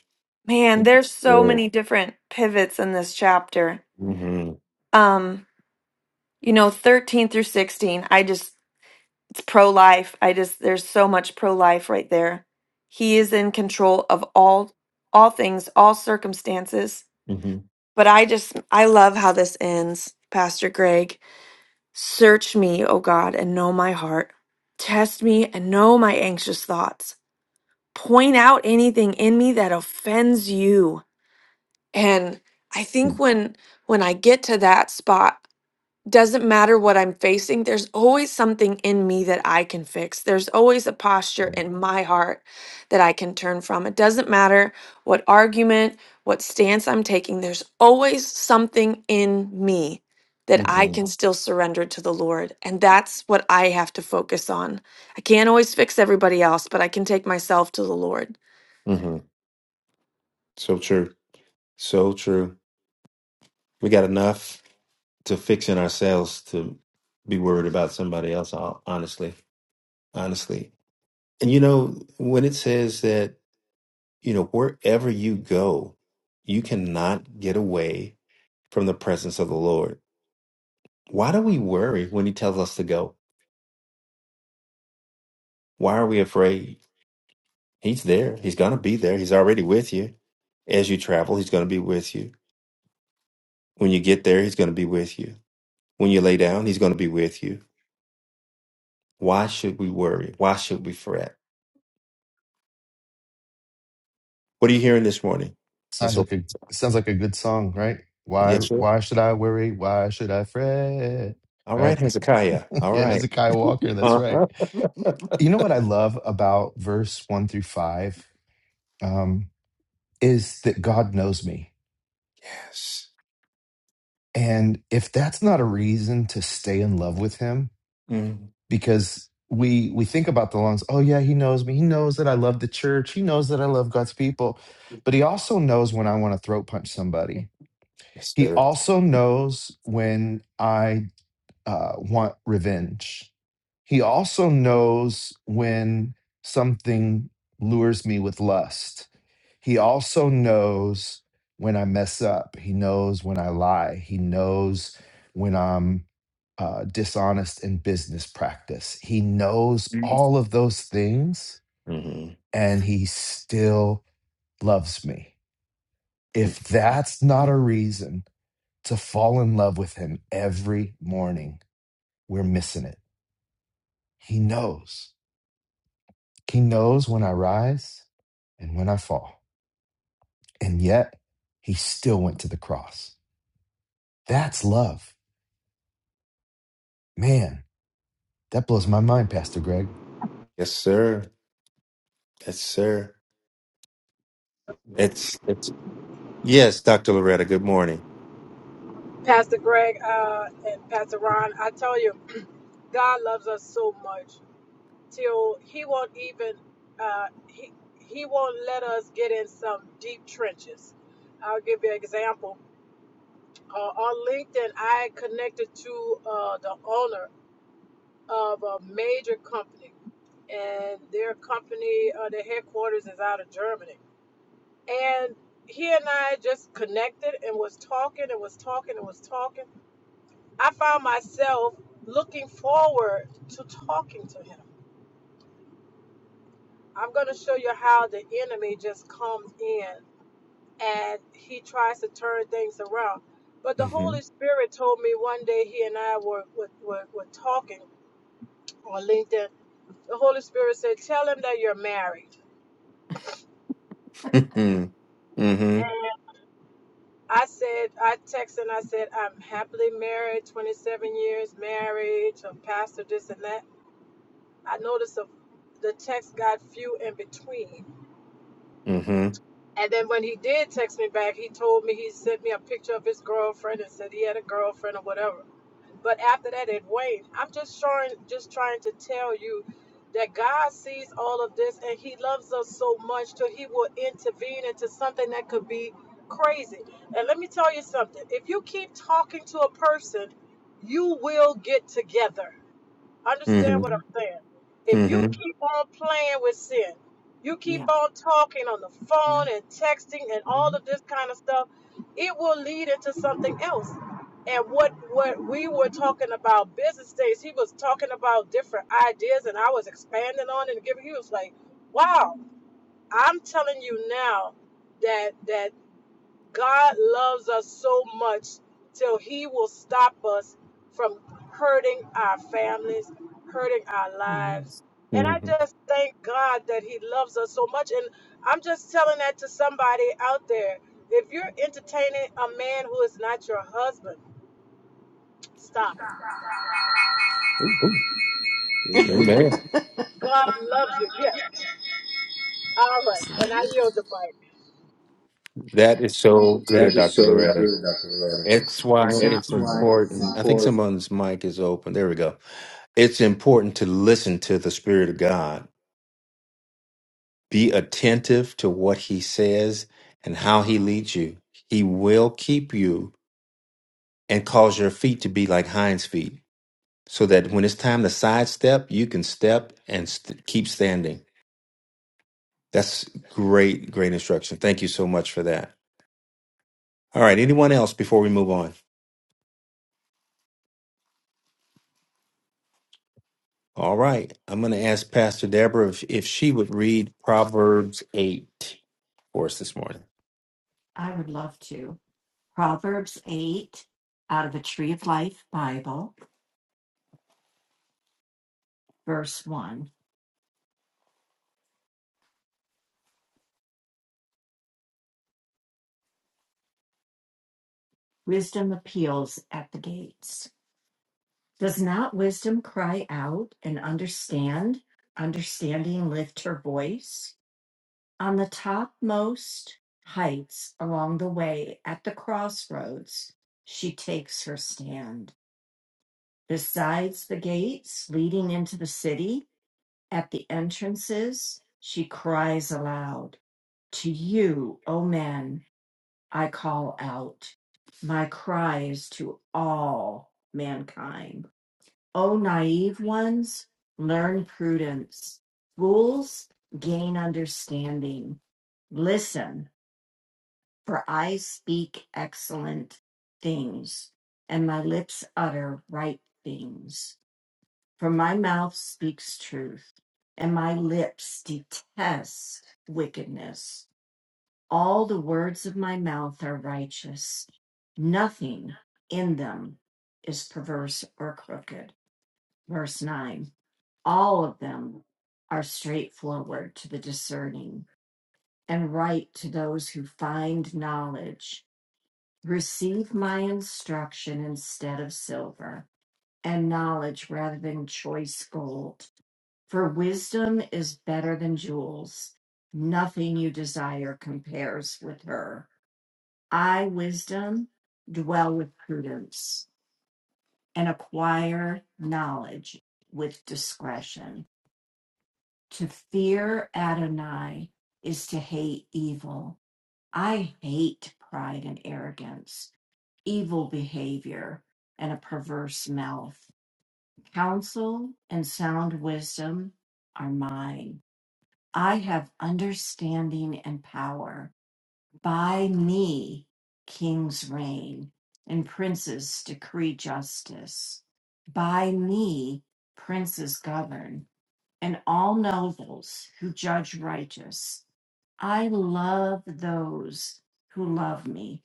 Speaker 6: Man, there's so
Speaker 1: Word.
Speaker 6: many different pivots in this chapter.
Speaker 1: hmm
Speaker 6: Um, you know, 13 through 16, I just It's pro life. I just there's so much pro life right there. He is in control of all all things, all circumstances.
Speaker 1: hmm
Speaker 6: But I just I love how this ends, Pastor Greg. Search me, O God, and know my heart. Test me and know my anxious thoughts. Point out anything in me that offends you. And I think when when I get to that spot doesn't matter what I'm facing, there's always something in me that I can fix. There's always a posture in my heart that I can turn from. It doesn't matter what argument, what stance I'm taking, there's always something in me that I
Speaker 1: hmm
Speaker 6: can still surrender to the Lord. And that's what I have to focus on. I can't always fix everybody else, but I can take myself to the Lord.
Speaker 1: hmm So true. So true. We got enough to fix in ourselves to be worried about somebody else, hon- honestly. Honestly. And you know, when it says that, you know, wherever you go, you cannot get away from the presence of the Lord. Why do we worry when he tells us to go? Why are we afraid? He's there. He's going to be there. He's already with you. As you travel, he's going to be with you. When you get there, he's going to be with you. When you lay down, he's going to be with you. Why should we worry? Why should we fret? What are you hearing this morning? let
Speaker 2: Sounds
Speaker 1: This
Speaker 2: like
Speaker 1: open.
Speaker 2: a sounds like a good song, right? Why
Speaker 1: Yes, sir.
Speaker 2: why should I worry? Why should I fret?
Speaker 1: All
Speaker 2: Right?
Speaker 1: right, Hezekiah. All
Speaker 2: yeah,
Speaker 1: right.
Speaker 2: Hezekiah Walker, that's right.
Speaker 1: Uh-huh.
Speaker 2: You know what I love about verse one through five um, is that God knows me.
Speaker 1: Yes.
Speaker 2: And if that's not a reason to stay in love with him,
Speaker 1: Mm.
Speaker 2: because we we think about the lungs, oh yeah, he knows me. He knows that I love the church. He knows that I love God's people. But he also knows when I want to throat punch somebody.
Speaker 1: Yes,
Speaker 2: He
Speaker 1: sir.
Speaker 2: also knows when I uh, want revenge. He also knows when something lures me with lust. He also knows when I mess up. He knows when I lie. He knows when I'm uh, dishonest in business practice. He knows all of those things
Speaker 1: Mm-hmm.
Speaker 2: and he still loves me. If that's not a reason to fall in love with him every morning, we're missing it. He knows. He knows when I rise and when I fall. And yet, he still went to the cross. That's love. Man, that blows my mind, Pastor Greg.
Speaker 1: Yes, sir. Yes, sir. It's it's yes, Dr. Loretta. Good morning.
Speaker 8: Pastor Greg uh, and Pastor Ron, I tell you, God loves us so much till He won't even uh, He He won't let us get in some deep trenches. I'll give you an example. Uh, on LinkedIn, I connected to uh, the owner of a major company, and their company, uh, their headquarters is out of Germany. And he and I just connected and was talking and was talking and was talking I found myself looking forward to talking to him. I'm going to show you how the enemy just comes in and he tries to turn things around. But the
Speaker 1: Mm-hmm.
Speaker 8: Holy Spirit told me one day he and I were, were, were, talking on LinkedIn. The Holy Spirit said, Tell him that you're married.
Speaker 1: Mm-hmm. Mm-hmm.
Speaker 8: And I said, I texted and I said, I'm happily married, 27 years married, I'm pastor, this and that. I noticed the text got few in between.
Speaker 1: Mm-hmm.
Speaker 8: And then when he did text me back, he told me he sent me a picture of his girlfriend and said he had a girlfriend or whatever. But after that, it waned. I'm just trying, just trying to tell you that God sees all of this and He loves us so much that He will intervene into something that could be crazy. And let me tell you something: if you keep talking to a person, you will get together Understand what I'm saying. If you
Speaker 1: Mm-hmm.
Speaker 8: keep on playing with sin, you keep on talking on the phone and texting and all of this kind of stuff, it will lead into something else. And what what we were talking about business days, he was talking about different ideas, and I was expanding on it and giving. He was like, "Wow, I'm telling you now that that God loves us so much till He will stop us from hurting our families, hurting our lives. And I
Speaker 1: Mm-hmm.
Speaker 8: just thank God that He loves us so much. And I'm just telling that to somebody out there. If you're entertaining a man who is not your husband, stop.
Speaker 9: Amen.
Speaker 1: Amen.
Speaker 8: God loves you. Yes. All right. And I yield the mic.
Speaker 1: That is so good,
Speaker 9: That is
Speaker 1: Dr.
Speaker 9: so
Speaker 1: Loretta.
Speaker 9: good, Dr. Loretta.
Speaker 1: That's why
Speaker 9: That's
Speaker 1: it's
Speaker 9: why it's
Speaker 1: important. I think
Speaker 9: important.
Speaker 1: someone's mic is open. There we go. It's important to listen to the Spirit of God. Be attentive to what He says and how He leads you. He will keep you and cause your feet to be like hinds feet so that when it's time to sidestep, you can step and st- keep standing. That's great, great instruction. Thank you so much for that. All right. Anyone else before we move on? All right. I'm going to ask Pastor Deborah if, if she would read Proverbs 8 for us this morning.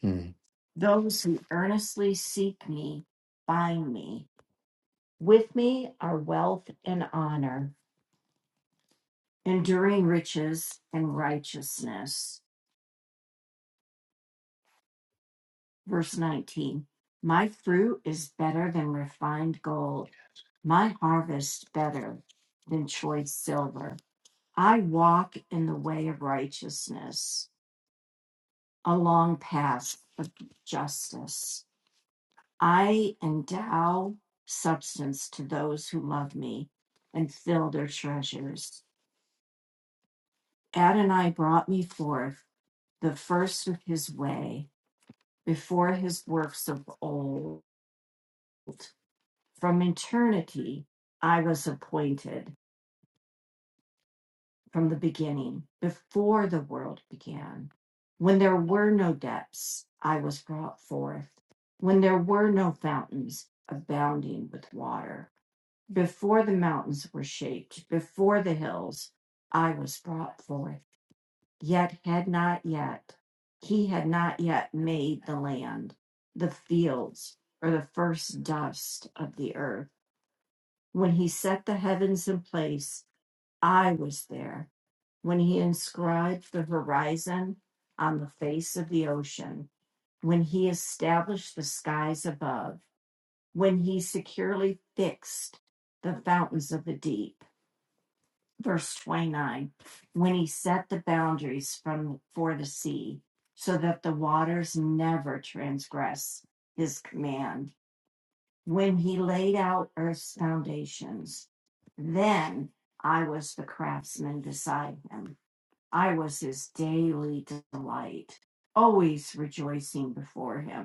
Speaker 1: Mm,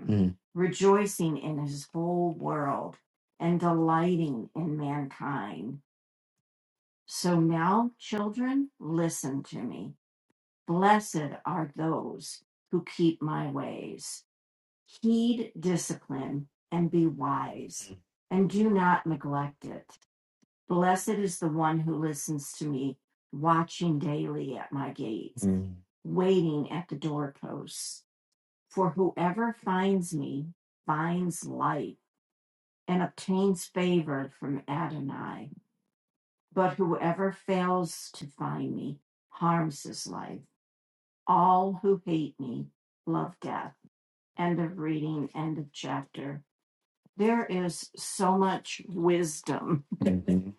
Speaker 1: mm, mm, mhm.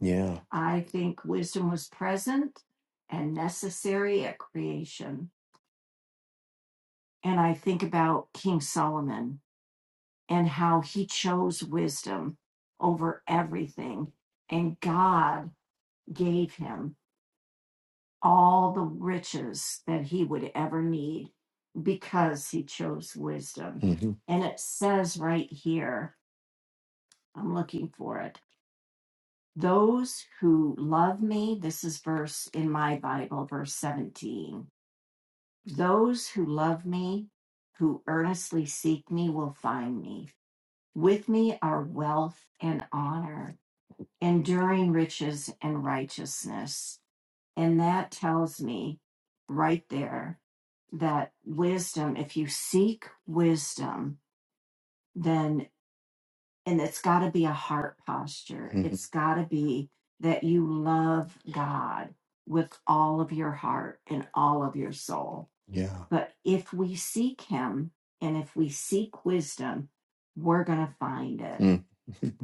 Speaker 1: Yeah. mhm, Yeah. Mm, mhm,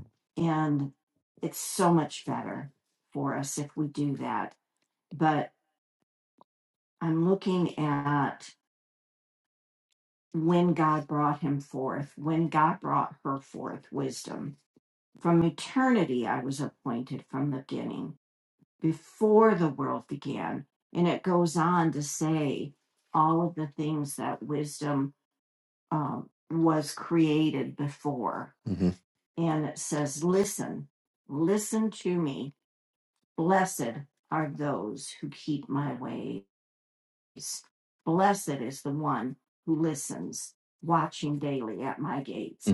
Speaker 1: mhm,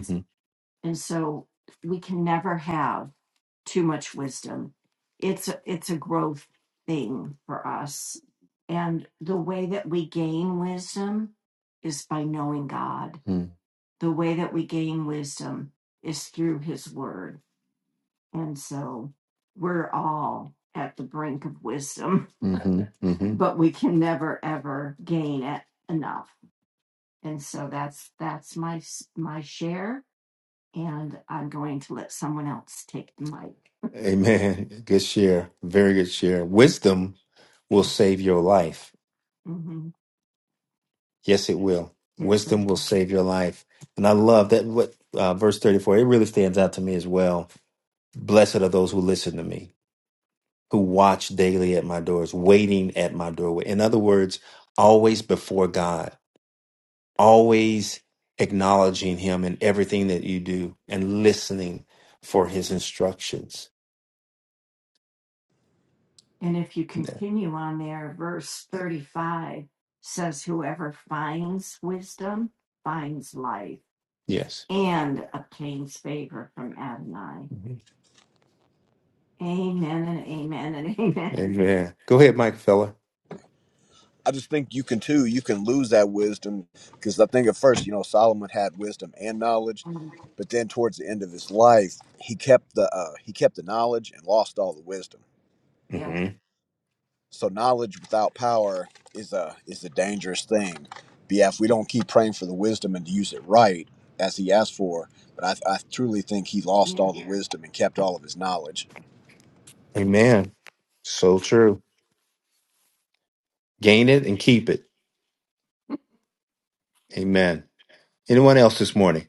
Speaker 1: mhm, mhm, mhm. mhm. Amen. Good share. Very good share. Wisdom will save your life. Yes, it will save your life. And I love that. What uh, verse 34, it really stands out to me as well. Blessed are those who listen to me, who watch daily at my doors, waiting at my doorway. In other words, always before God, always acknowledging Him in everything that you do and listening for His instructions. Yes. Mhm. Amen. Go ahead, Mike Feller.
Speaker 10: I just think you can too. You can lose that wisdom because I think at first, you know, Solomon had wisdom and knowledge, but then towards the end of his life, he kept the uh, he kept the knowledge and lost all the wisdom.
Speaker 1: Mhm.
Speaker 10: So knowledge without power is a is a dangerous thing. But yeah, if we don't keep praying for the wisdom and to use it right as he asked for, but I, I truly think he lost all the wisdom and kept all of his knowledge.
Speaker 1: Amen. So true. Gain it and keep it. Amen. Anyone else this morning?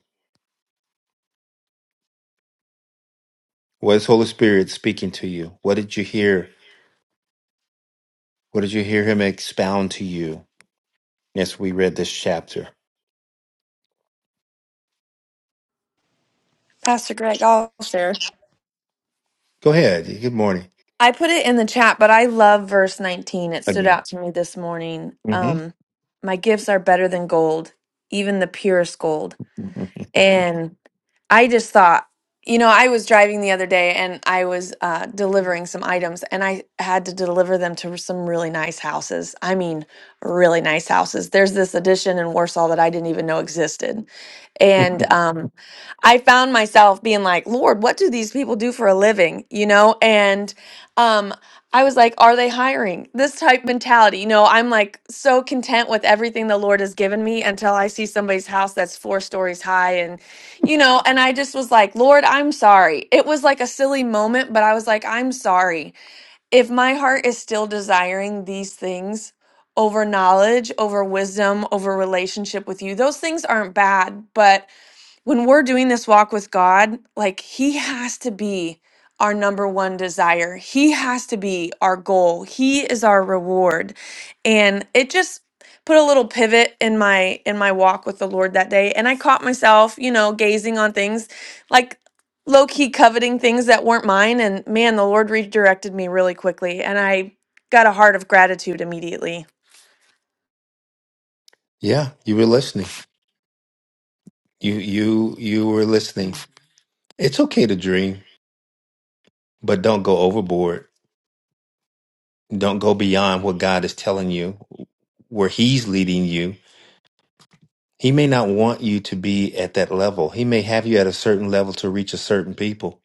Speaker 1: What is Holy Spirit speaking to you? What did you hear? What did you hear Him expound to you? Yes, we read this chapter.
Speaker 6: Pastor Greg, I'll share.
Speaker 1: Go ahead. Good morning.
Speaker 6: I put it in the chat, but I love verse 19. It
Speaker 1: I
Speaker 6: stood
Speaker 1: mean,
Speaker 6: out to me this morning.
Speaker 1: hmm
Speaker 6: Um, my gifts are better than gold, even the purest gold. And I just thought, you know, I was driving the other day and I was uh, delivering some items and I had to deliver them to some really nice houses. I mean, really nice houses. There's this addition in Warsaw that I didn't even know existed. And um, I found myself being like, Lord, what do these people do for a living? You know, and. Um, I was like, are they hiring? This type mentality. You know, I'm like so content with everything the Lord has given me until I see somebody's house that's four stories high. And, you know, and I just was like, Lord, I'm sorry. It was like a silly moment, but I was like, I'm sorry. If my heart is still desiring these things over knowledge, over wisdom, over relationship with you, those things aren't bad. But when we're doing this walk with God, like He has to be our number one desire. He has to be our goal. He is our reward. And it just put a little pivot in my in my walk with the Lord that day. And I caught myself, you know, gazing on things like low key coveting things that weren't mine. And man, the Lord redirected me really quickly. And I got a heart of gratitude immediately.
Speaker 1: yeah, you were listening. You you you were listening. It's okay to dream, but don't go overboard. Don't go beyond what God is telling you, where He's leading you. He may not want you to be at that level. He may have you at a certain level to reach a certain people.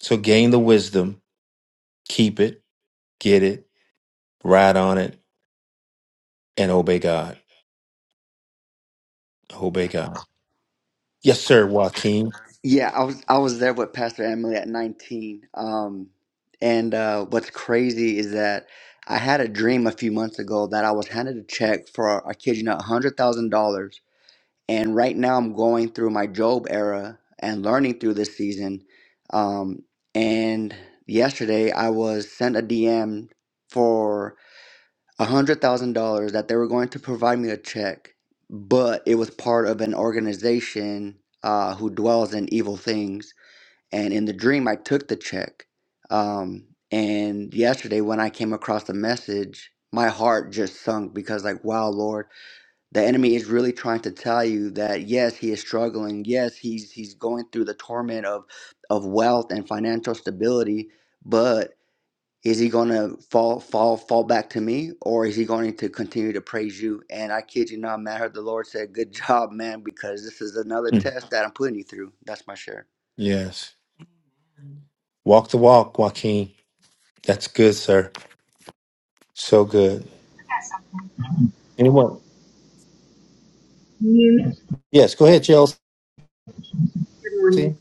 Speaker 1: So gain the wisdom, keep it, get it, ride on it, and obey God. Obey God. Yes, sir, Joaquin.
Speaker 3: yeah i was i was there with pastor emily at 19 um and uh what's crazy is that i had a dream a few months ago that i was handed a check for i kid you not $100000 And right now, I'm going through my Job era and learning through this season. Um, and yesterday, I was sent a DM for a $100,000 that they were going to provide me a check, but it was part of an organization uh, who dwells in evil things. And in the dream, I took the check. Um, and yesterday, when I came across the message, my heart just sunk because, like, wow, Lord the enemy is really trying to tell you that yes, he is struggling. Yes, he's he's going through the torment of of wealth and financial stability, but is he going to fall fall fall back to me or is he going to continue to praise you? And I kid you not, man, I heard the Lord said, "Good job, man, because this is another
Speaker 1: Mm.
Speaker 3: test that I'm putting you through." That's my share.
Speaker 1: Yes. Walk the walk, Joaquin. That's good, sir. So good. Anyone?
Speaker 11: Good
Speaker 1: Yes, go ahead, Chelsea.
Speaker 11: morning.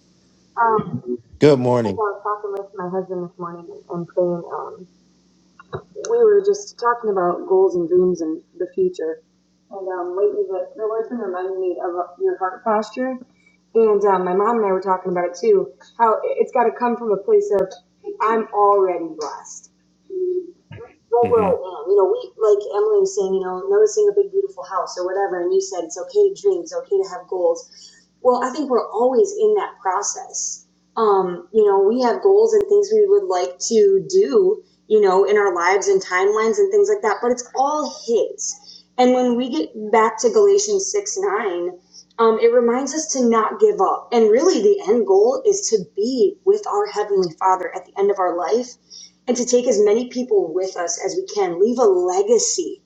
Speaker 11: Um,
Speaker 1: Good
Speaker 11: I
Speaker 1: morning.
Speaker 11: was talking with my husband this morning and praying, um, we were just talking about goals and dreams and the future. And um, lately, the, the Lord's been reminding me of uh, your heart posture. And um, my mom and I were talking about it too. How it's got to come from a place of I'm already blessed. Right where
Speaker 1: hmm
Speaker 11: I am, you know. We like Emily was saying, you know, noticing a big beautiful house or whatever. And you said it's okay to dream, it's okay to have goals. Well, I think we're always in that process. Um, you know, we have goals and things we would like to do, you know, in our lives and timelines and things like that, but it's all His. And when we get back to Galatians 6 9, um, it reminds us to not give up. And really, the end goal is to be with our Heavenly Father at the end of our life and to take as many people with us as we can, leave a legacy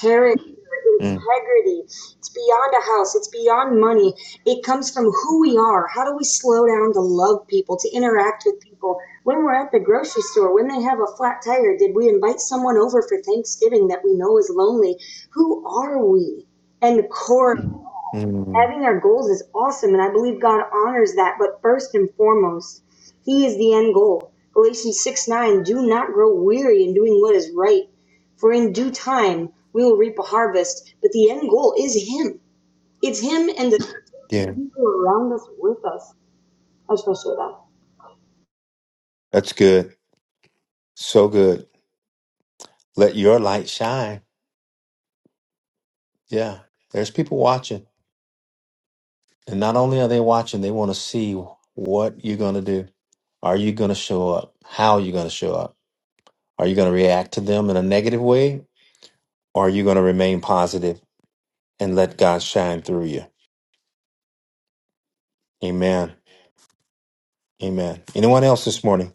Speaker 11: character, integrity. It's beyond a house, it's beyond money. It comes from who we are. How do we slow down to love people, to interact with people? When we're at the grocery store, when they have a flat tire, did we invite someone over for Thanksgiving that we know is lonely? Who are we? And the core of
Speaker 1: mm
Speaker 11: having our goals is awesome and i believe god honors that but first and foremost he is the end goal galatians 6 9 do not grow weary in doing what is right for in due time we will reap a harvest but the end goal is him it's him and the
Speaker 1: Yeah,
Speaker 11: people around us with us i shall show that
Speaker 1: that's good. So good. Let your light shine. Yeah, there's people watching. And not only are they watching, they want to see what you're going to do. Are you going to show up? How are you going to show up? Are you going to react to them in a negative way? Or are you going to remain positive and let God shine through you? Amen. Amen. Anyone else this morning?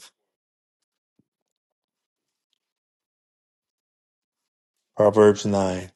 Speaker 1: Proverbs 9.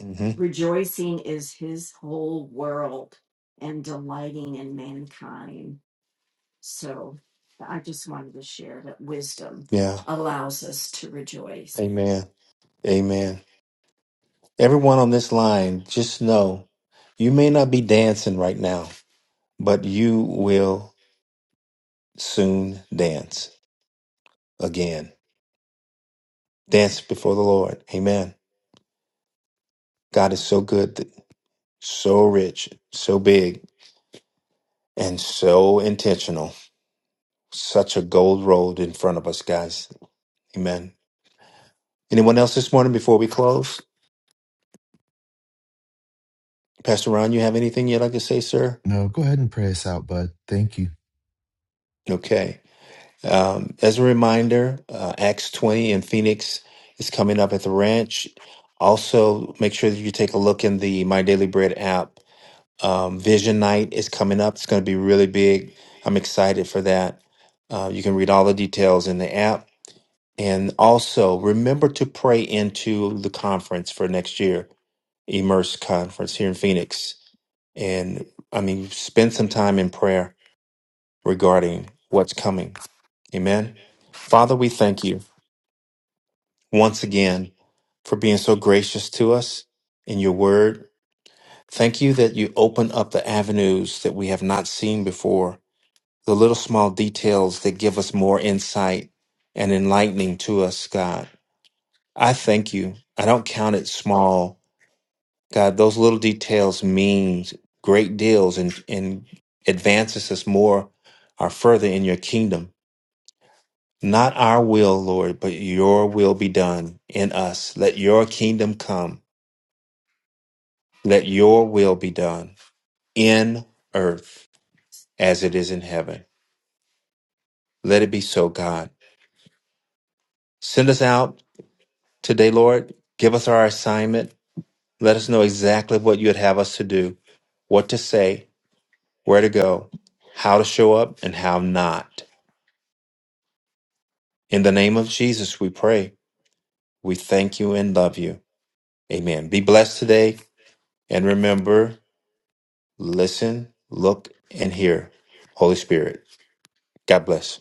Speaker 1: hmm Yeah. Amen. Amen. Everyone on this line, just know you may not be dancing right now, but you will soon dance again. Dance before the Lord. Amen. God is so good, so rich, so big, and so intentional. Such a gold road in front of us, guys. Amen. Anyone else this morning before we close? Pastor Ron, you have anything you'd like to say, sir?
Speaker 2: No, go ahead and pray us out, bud. Thank you.
Speaker 1: Okay. Um, as a reminder, uh, Acts 20 in Phoenix is coming up at the ranch. Also, make sure that you take a look in the My Daily Bread app. Um, Vision Night is coming up. It's going to be really big. I'm excited for that. Uh, you can read all the details in the app. And also, remember to pray into the conference for next year, Immerse Conference here in Phoenix. And I mean, spend some time in prayer regarding what's coming. Amen. Father, we thank you once again for being so gracious to us in your word. Thank you that you open up the avenues that we have not seen before, the little small details that give us more insight and enlightening to us, God. I thank you. I don't count it small. God, those little details mean great deals and, and advances us more or further in your kingdom. Not our will, Lord, but your will be done in us. Let your kingdom come. Let your will be done in earth as it is in heaven. Let it be so, God. Send us out today, Lord. Give us our assignment. Let us know exactly what you would have us to do, what to say, where to go, how to show up, and how not. In the name of Jesus, we pray. We thank you and love you. Amen. Be blessed today. And remember, Listen, look, and hear. Holy Spirit. God bless.